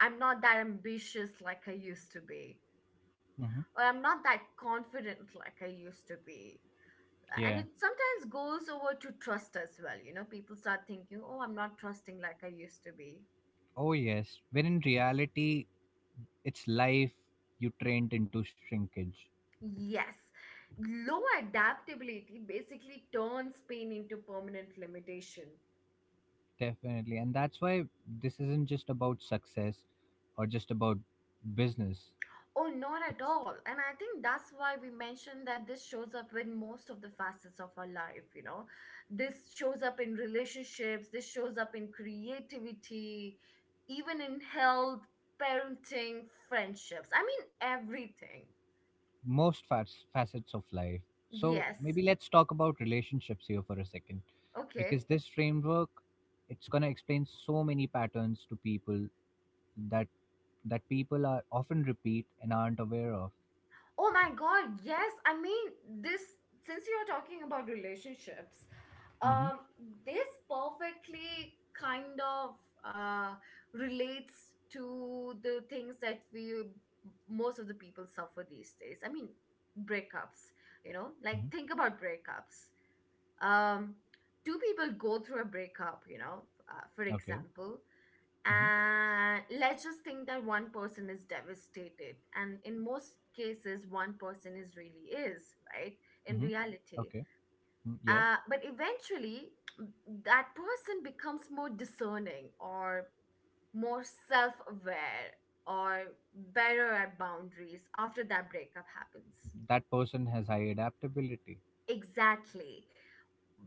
I'm not that ambitious like I used to be, Hmm. or I'm not that confident like I used to be. And Yeah. it sometimes goes over to trust as well. You know, people start thinking, oh, I'm not trusting like I used to be. Oh, yes. When in reality, it's life you trained into shrinkage. Yes. Low adaptability basically turns pain into permanent limitation. Definitely. And that's why this isn't just about success or just about business. Oh, not at It's all. And I think that's why we mentioned that this shows up in most of the facets of our life, you know. This shows up in relationships, this shows up in creativity, even in health, parenting, friendships. I mean, everything. most facets of life. So Yes. maybe let's talk about relationships here for a second, Okay. because this framework, it's gonna explain so many patterns to people that that people are often repeat and aren't aware of. Oh my God. Yes. I mean, this, since you're talking about relationships, Mm-hmm. um this perfectly kind of uh relates to the things that we most of the people suffer these days. I mean, breakups, you know, like Mm-hmm. think about breakups. um Two people go through a breakup, you know, for Okay. example, Mm-hmm. and let's just think that one person is devastated, and in most cases one person is really is right in Mm-hmm. reality. Okay. Mm, yeah. But eventually, m- that person becomes more discerning or more self aware or better at boundaries after that breakup happens. That person has high adaptability. Exactly.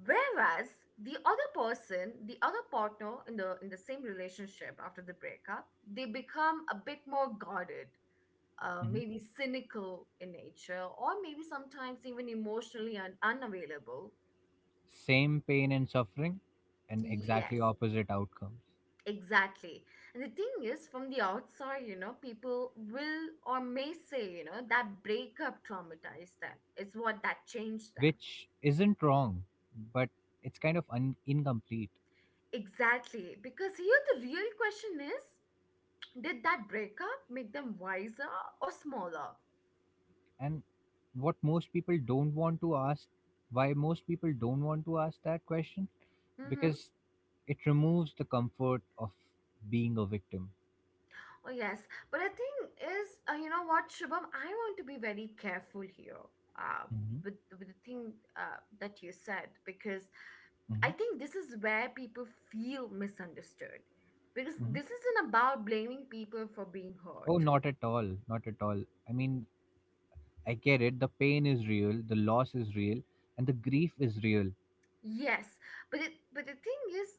Whereas the other person, the other partner in the same relationship after the breakup, they become a bit more guarded, Hmm. maybe cynical in nature, or maybe sometimes even emotionally unavailable. Same pain and suffering, and exactly Yes. opposite outcomes, Exactly. And the thing is, from the outside, you know, people will or may say, you know, that breakup traumatized them. It's what that changed them. which isn't wrong, but it's kind of incomplete. Exactly. Because here the real question is did that breakup make them wiser or smaller? And what most people don't want to ask, why most people don't want to ask that question, Mm-hmm. because it removes the comfort of being a victim. Oh, yes. But the thing is, you know what, Shubham, I want to be very careful here uh, Hmm. with, the thing that you said because Hmm. I think this is where people feel misunderstood because Hmm. this isn't about blaming people for being Oh, hurt. not at all, not at all. I mean i get it, the pain is real, the loss is real, and the grief is real. Yes, but the thing is,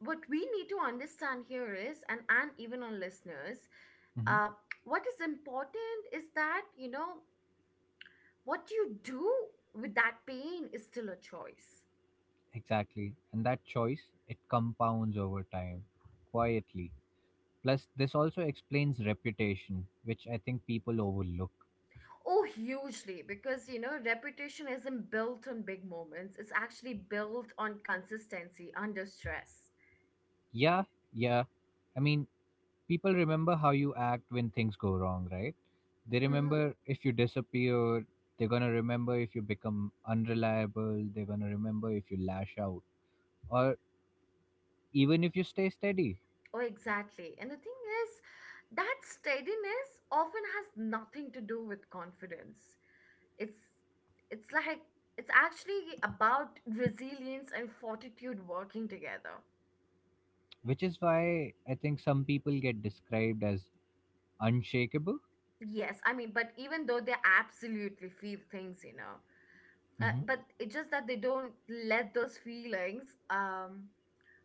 what we need to understand here is, and even on listeners, Hmm. uh, what is important is that you know what you do with that pain is still a choice. Exactly, and that choice, it compounds over time, quietly. Plus this also explains reputation, which I think people overlook. Oh, hugely, because you know, reputation isn't built on big moments. It's actually built on consistency under stress. Yeah, yeah. I mean, people remember how you act when things go wrong, right? They Mm-hmm. remember if you disappear, they're gonna remember if you become unreliable, they're gonna remember if you lash out, or even if you stay steady, Oh, exactly. And the thing is, that steadiness often has nothing to do with confidence. It's it's it's actually about resilience and fortitude working together. which is why I think some people get described as unshakable. Yes, I mean, but even though they absolutely feel things, Hmm. but it's just that they don't let those feelings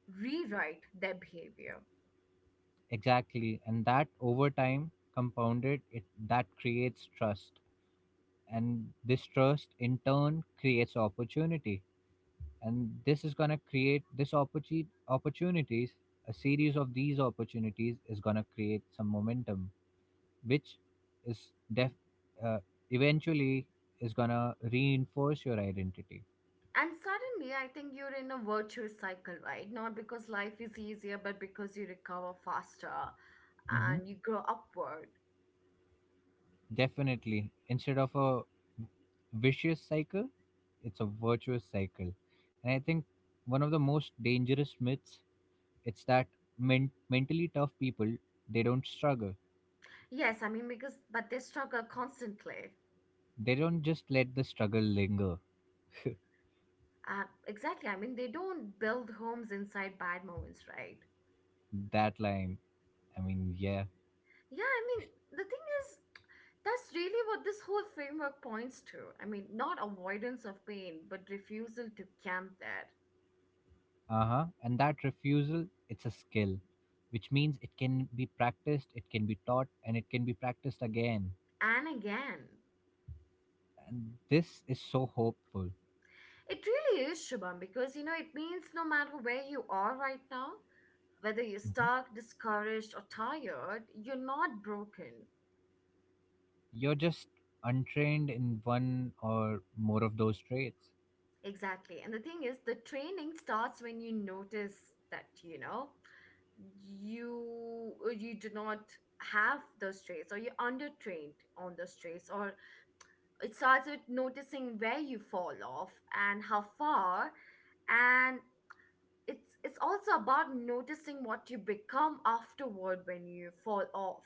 rewrite their behavior. Exactly, and that over time compounded, it that creates trust, and this trust in turn creates opportunity, and this is going to create this opportunity opportunities, a series of these opportunities is going to create some momentum, which is def uh, eventually is going to reinforce your identity. And suddenly, I think you're in a virtuous cycle, right? Not because life is easier, but because you recover faster Hmm. and you grow upward. Definitely. Instead of a vicious cycle, it's a virtuous cycle. And I think one of the most dangerous myths, it's that men- mentally tough people, they don't struggle, Yes, I mean, because, but they struggle constantly. they don't just let the struggle linger. Exactly. I mean, they don't build homes inside bad moments, right? That line, I mean, yeah. Yeah, I mean, the thing is, that's really what this whole framework points to. I mean, not avoidance of pain, but refusal to camp there. Uh huh. And that refusal, it's a skill, which means it can be practiced, it can be taught, and it can be practiced again. And again. And this is so hopeful. It really is, Shubham, because you know, it means no matter where you are right now, whether you're Mhm. stuck, discouraged, or tired, you're not broken. You're just untrained in one or more of those traits. Exactly. And the thing is, the training starts when you notice that, you know, you do not have those traits or you're undertrained on those traits, or it starts with noticing where you fall off and how far, and it's also about noticing what you become afterward when you fall off.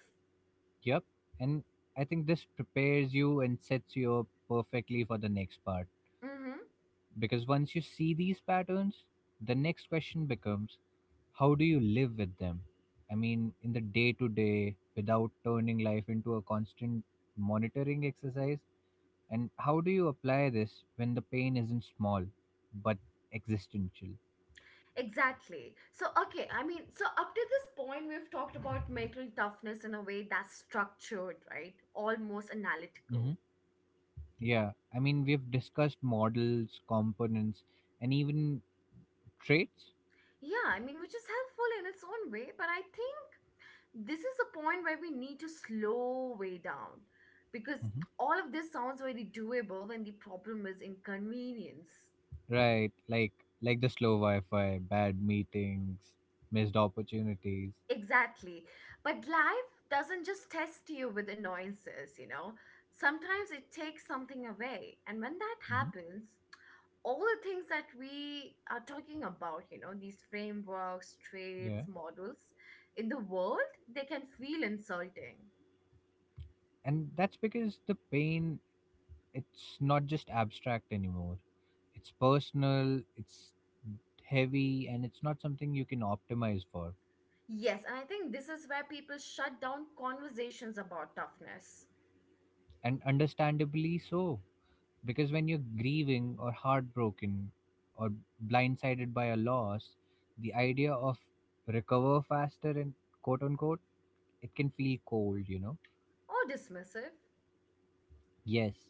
Yep. And I think this prepares you and sets you up perfectly for the next part. Mm-hmm. Because once you see these patterns, the next question becomes, how do you live with them? I mean, in the day to day, without turning life into a constant monitoring exercise? And how do you apply this when the pain isn't small but existential? Exactly. So okay, I mean, so up to this point we've talked about mental toughness in a way that's structured, right? Almost analytical. Hmm. Yeah, I mean, we've discussed models, components, and even traits. Yeah, I mean, which is helpful in its own way, but I think this is a point where we need to slow way down, because Hmm. all of this sounds very doable when the problem is inconvenience. Right? Like the slow Wi Fi, bad meetings, missed opportunities. Exactly. But life doesn't just test you with annoyances, you know. Sometimes it takes something away. And when that Hmm. happens, all the things that we are talking about, you know, these frameworks, Yeah. traits, models in the world, they can feel insulting. And that's because the pain, it's not just abstract anymore. It's personal, it's heavy, and it's not something you can optimize for. Yes, and I think this is where people shut down conversations about toughness And understandably so, because when you're grieving or heartbroken or blindsided by a loss, the idea of recover faster and quote unquote, it can feel cold, you know? or dismissive. Yes.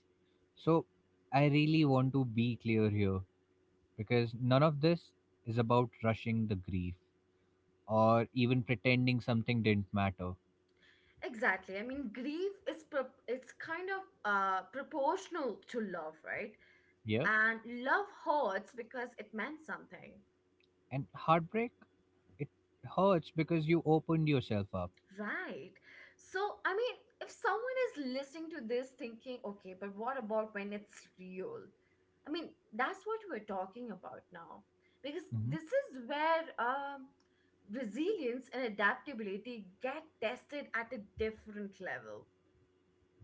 So I really want to be clear here, because none of this is about rushing the grief, or even pretending something didn't matter. Exactly. I mean, grief is it's kind of proportional to love, right? Yeah. And love hurts because it meant something. And heartbreak, it hurts because you opened yourself up. Right, so I mean, if someone is listening to this thinking, okay, but what about when it's real, I mean, that's what we're talking about now, because Mhm. this is where resilience and adaptability get tested at a different level.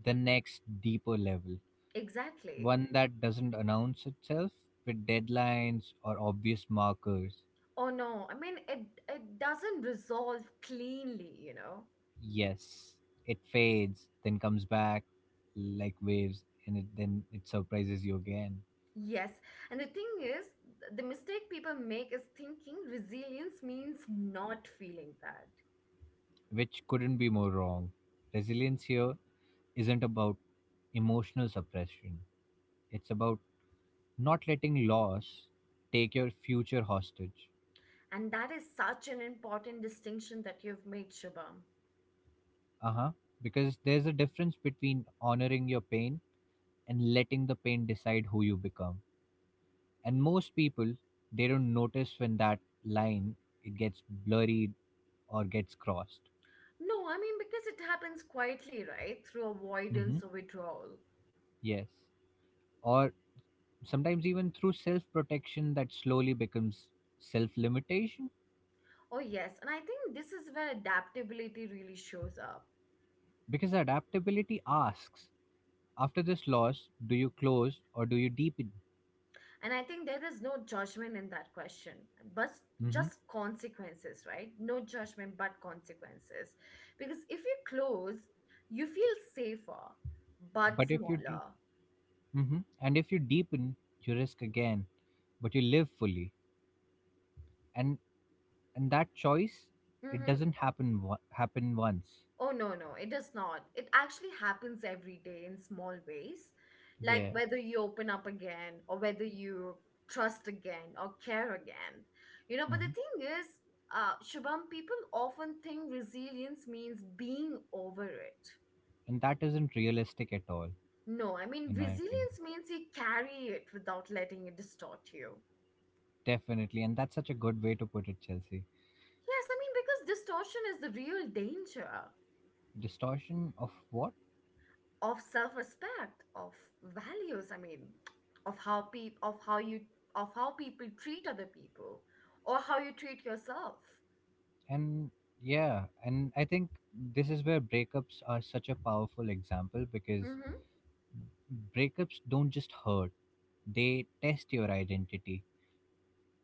The next deeper level, Exactly. one that doesn't announce itself with deadlines or obvious markers. Oh no, I mean, it doesn't resolve cleanly, you know. Yes, it fades, then comes back like waves, and it, then it surprises you again, Yes, and the thing is, the mistake people make is thinking resilience means not feeling that. which couldn't be more wrong. Resilience here isn't about emotional suppression, it's about not letting loss take your future hostage. And that is such an important distinction that you've made, Shubham. Uh huh. Because there's a difference between honoring your pain and letting the pain decide who you become. And most people, they don't notice when that line, it gets blurred or gets crossed. No, I mean, because it happens quietly, right? Through Mm-hmm. avoidance or withdrawal. Yes. Or sometimes even through self-protection that slowly becomes self-limitation. Oh, yes, and I think this is where adaptability really shows up. Because adaptability asks, after this loss, do you close or do you deepen? And I think there is no judgment in that question, but Mm-hmm. just consequences, right? No judgment, but consequences. Because if you close, you feel safer, but But if you deep, smaller. hmm, and if you deepen, you risk again, but you live fully. And and that choice, it Mm-hmm. doesn't happen once. Oh, no, no, it does not. It actually happens every day in small ways. Like Yeah. whether you open up again, or whether you trust again, or care again. You know, but the Hmm. thing is, Shubham, people often think resilience means being over it. And that isn't realistic at all, No, I mean, in my opinion. resilience means you carry it without letting it distort you. Definitely. And that's such a good way to put it, Chelsea. Yes, I mean, because distortion is the real danger Distortion of what? of self respect, of values, I mean, of how peop of how you of how people treat other people or how you treat yourself. And yeah, and I think this is where breakups are such a powerful example because Mm-hmm. breakups don't just hurt; they test your identity.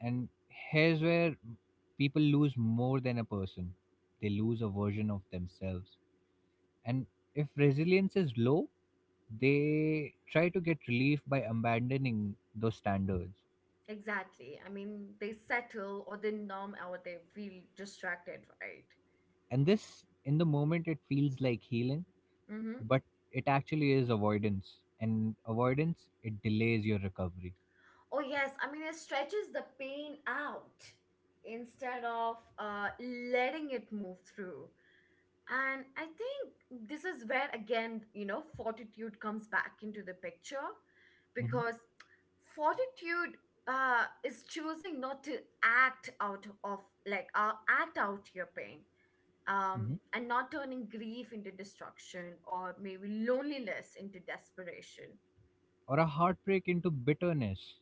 And here's where people lose more than a person, they lose a version of themselves. And if resilience is low, they try to get relief by abandoning those standards. Exactly. I mean, they settle or they numb or they feel distracted, right? And this, in the moment, it feels like healing, but it actually is avoidance. And avoidance, it delays your recovery. Oh yes, I mean, it stretches the pain out instead of letting it move through. And I think this is where again, you know, fortitude comes back into the picture, Hmm. because fortitude is choosing not to act out of act out your pain, Hmm. and not turning grief into destruction or maybe loneliness into desperation. Or a heartbreak into bitterness,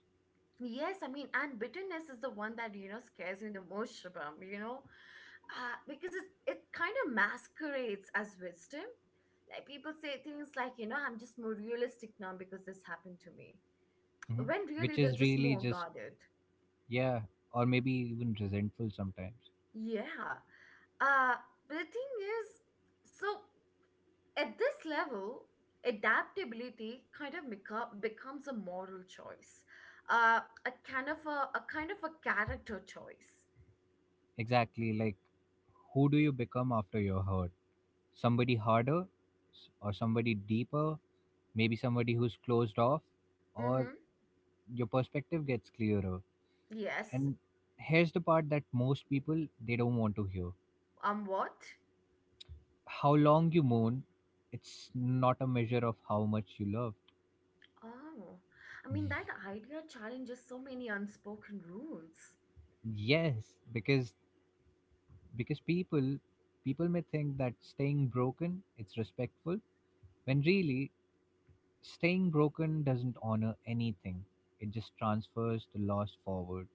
Yes, I mean, and bitterness is the one that you know scares me the most, Shubham. You know, because it kind of masquerades as wisdom. Like people say things like, you know, I'm just more realistic now because this happened to me. hmm, When which really they're is just really more just, guarded. yeah, or maybe even resentful sometimes. Yeah. Uh, but the thing is, so at this level, adaptability kind of becomes a moral choice, a kind of a character choice. Exactly, like, who do you become after you're hurt? Somebody harder, or somebody deeper? Maybe somebody who's closed off, or Mm-hmm. your perspective gets clearer. Yes. And here's the part that most people, they don't want to hear. What? How long you mourn, it's not a measure of how much you love. Oh, I mean, that idea challenges so many unspoken rules. Yes, because because people people may think that staying broken, it's respectful, when really, staying broken doesn't honor anything. It just transfers the loss forward.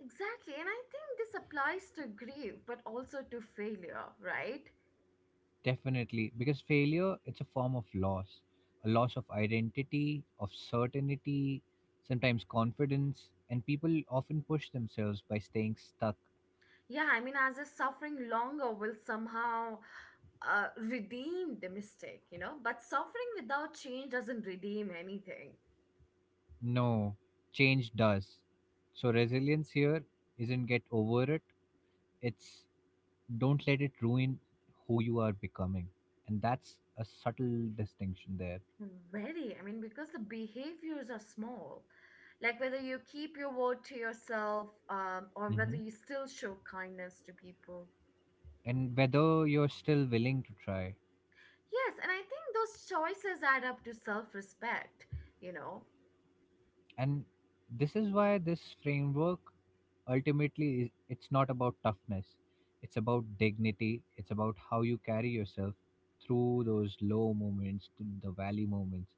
Exactly, and I think this applies to grief, but also to failure, right? Definitely. Because failure, it's a form of loss. A loss of identity, of certainty, sometimes confidence, and people often push themselves by staying stuck. Yeah, I mean, as if suffering longer will somehow redeem the mistake, you know, but suffering without change doesn't redeem anything. No, change does. So resilience here isn't get over it. It's don't let it ruin who you are becoming. And that's a subtle distinction there. Very, I mean, because the behaviors are small. Like whether you keep your word to yourself or whether you still show kindness to people. And whether you're still willing to try. Yes, and I think those choices add up to self respect, you know, And this is why this framework ultimately is, it's not about toughness. It's about dignity. It's about how you carry yourself through those low moments, through the valley moments,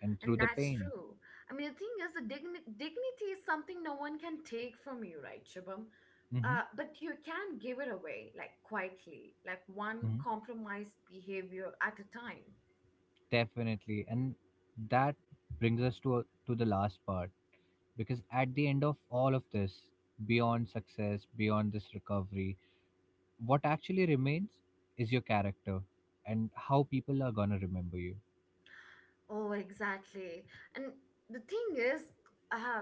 and and through the that's pain. true. I mean, the thing is, the dignity is something no one can take from you, right, Shubham? Hmm. But you can give it away, like quietly, like one Hmm. compromised behavior at a time. Definitely, and that brings us to the last part, because at the end of all of this, beyond success, beyond this recovery, what actually remains is your character and how people are gonna remember you. Oh, exactly. And the thing is, uh,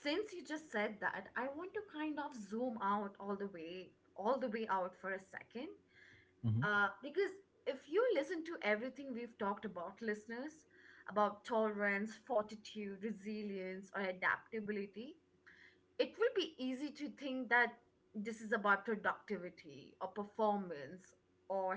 since you just said that, I want to kind of zoom out all the way out for a second. Hmm. Because if you listen to everything we've talked about, listeners, about tolerance, fortitude, resilience, or adaptability, it will be easy to think that this is about productivity or performance or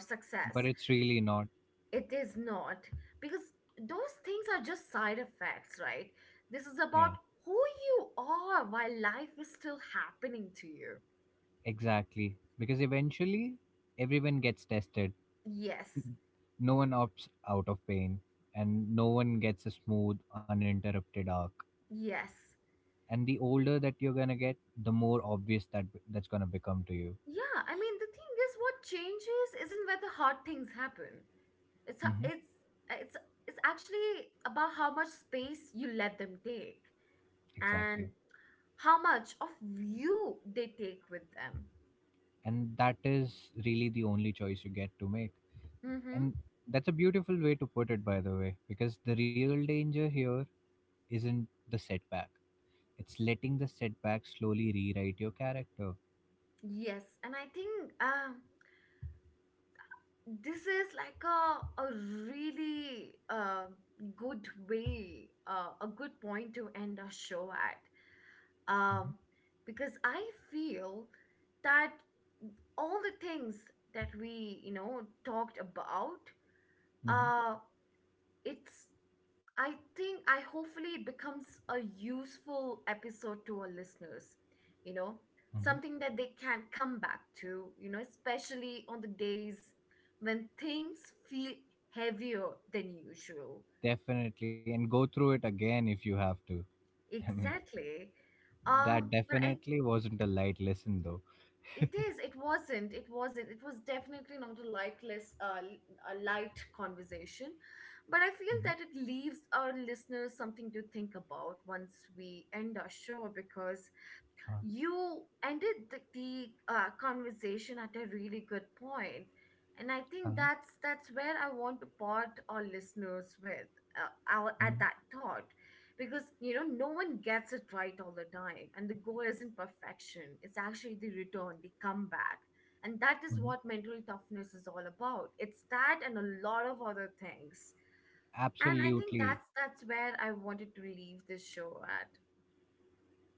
But success. it's really not. It is not, because those things are just side effects, right? This is Yeah. about who you are while life is still happening to you. Exactly. Because eventually, everyone gets tested. Yes, No one opts out of pain, and no one gets a smooth, uninterrupted arc. yes. And the older that you're gonna get, the more obvious that that's gonna become to you. Yeah, I mean, the thing is, what changes isn't where the hard things happen. It's ho- Hmm. it's it's it's actually about how much space you let them take Exactly. and how much of you they take with them. And that is really the only choice you get to make. And Mm-hmm. that's a beautiful way to put it, by the way, because the real danger here isn't the setback, it's letting the setback slowly rewrite your character. Yes, and I think um, this is like a really good way, a good point to end our show at. Hmm. Um, because I feel that all the things that we, you know, talked about, Hmm. uh it's, I think, I hopefully it becomes a useful episode to our listeners, you know, Hmm. something that they can come back to, you know, especially on the days when things feel heavier than usual. Definitely, and go through it again if you have to. I mean, Exactly. that Um but i definitely wasn't a light lesson though. It is. It wasn't. It wasn't. It was definitely not a lightless, a light conversation. But I feel Hmm. that it leaves our listeners something to think about once we end our show, because Uh, you ended the, the conversation at a really good point, and I think uh-huh. that's where I want to part our listeners with, our, Hmm. at that thought. Because you know, no one gets it right all the time, and the goal isn't perfection, it's actually the return, the comeback. And that is Hmm. what mental toughness is all about. It's that and a lot of other things. And I think Absolutely. that's where I wanted to leave this show at.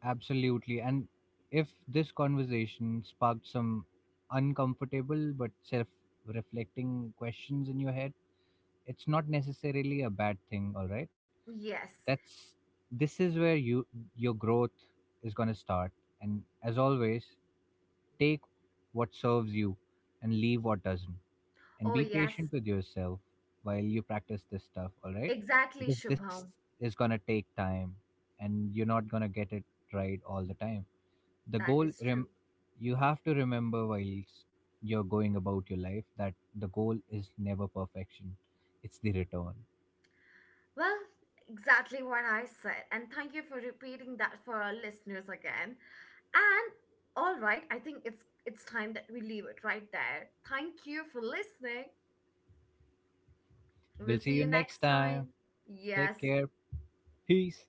Absolutely. And if this conversation sparked some uncomfortable but self reflecting questions in your head, it's not necessarily a bad thing, all right? Yes. That's This is where your growth is going to start. And as always, take what serves you and leave what doesn't. Oh And be yes. patient with yourself while you practice this stuff, all right? Exactly, Because this Shubham. is going to take time and you're not going to get it right all the time. The That goal is true. rem- you have to remember whilst you're going about your life that the goal is never perfection. It's the return. Well, exactly what I said. And thank you for repeating that for our listeners again. And all right, I think it's time that we leave it right there. Thank you for listening. We'll We'll see see you you next next time. time. Yes, Take care. Peace.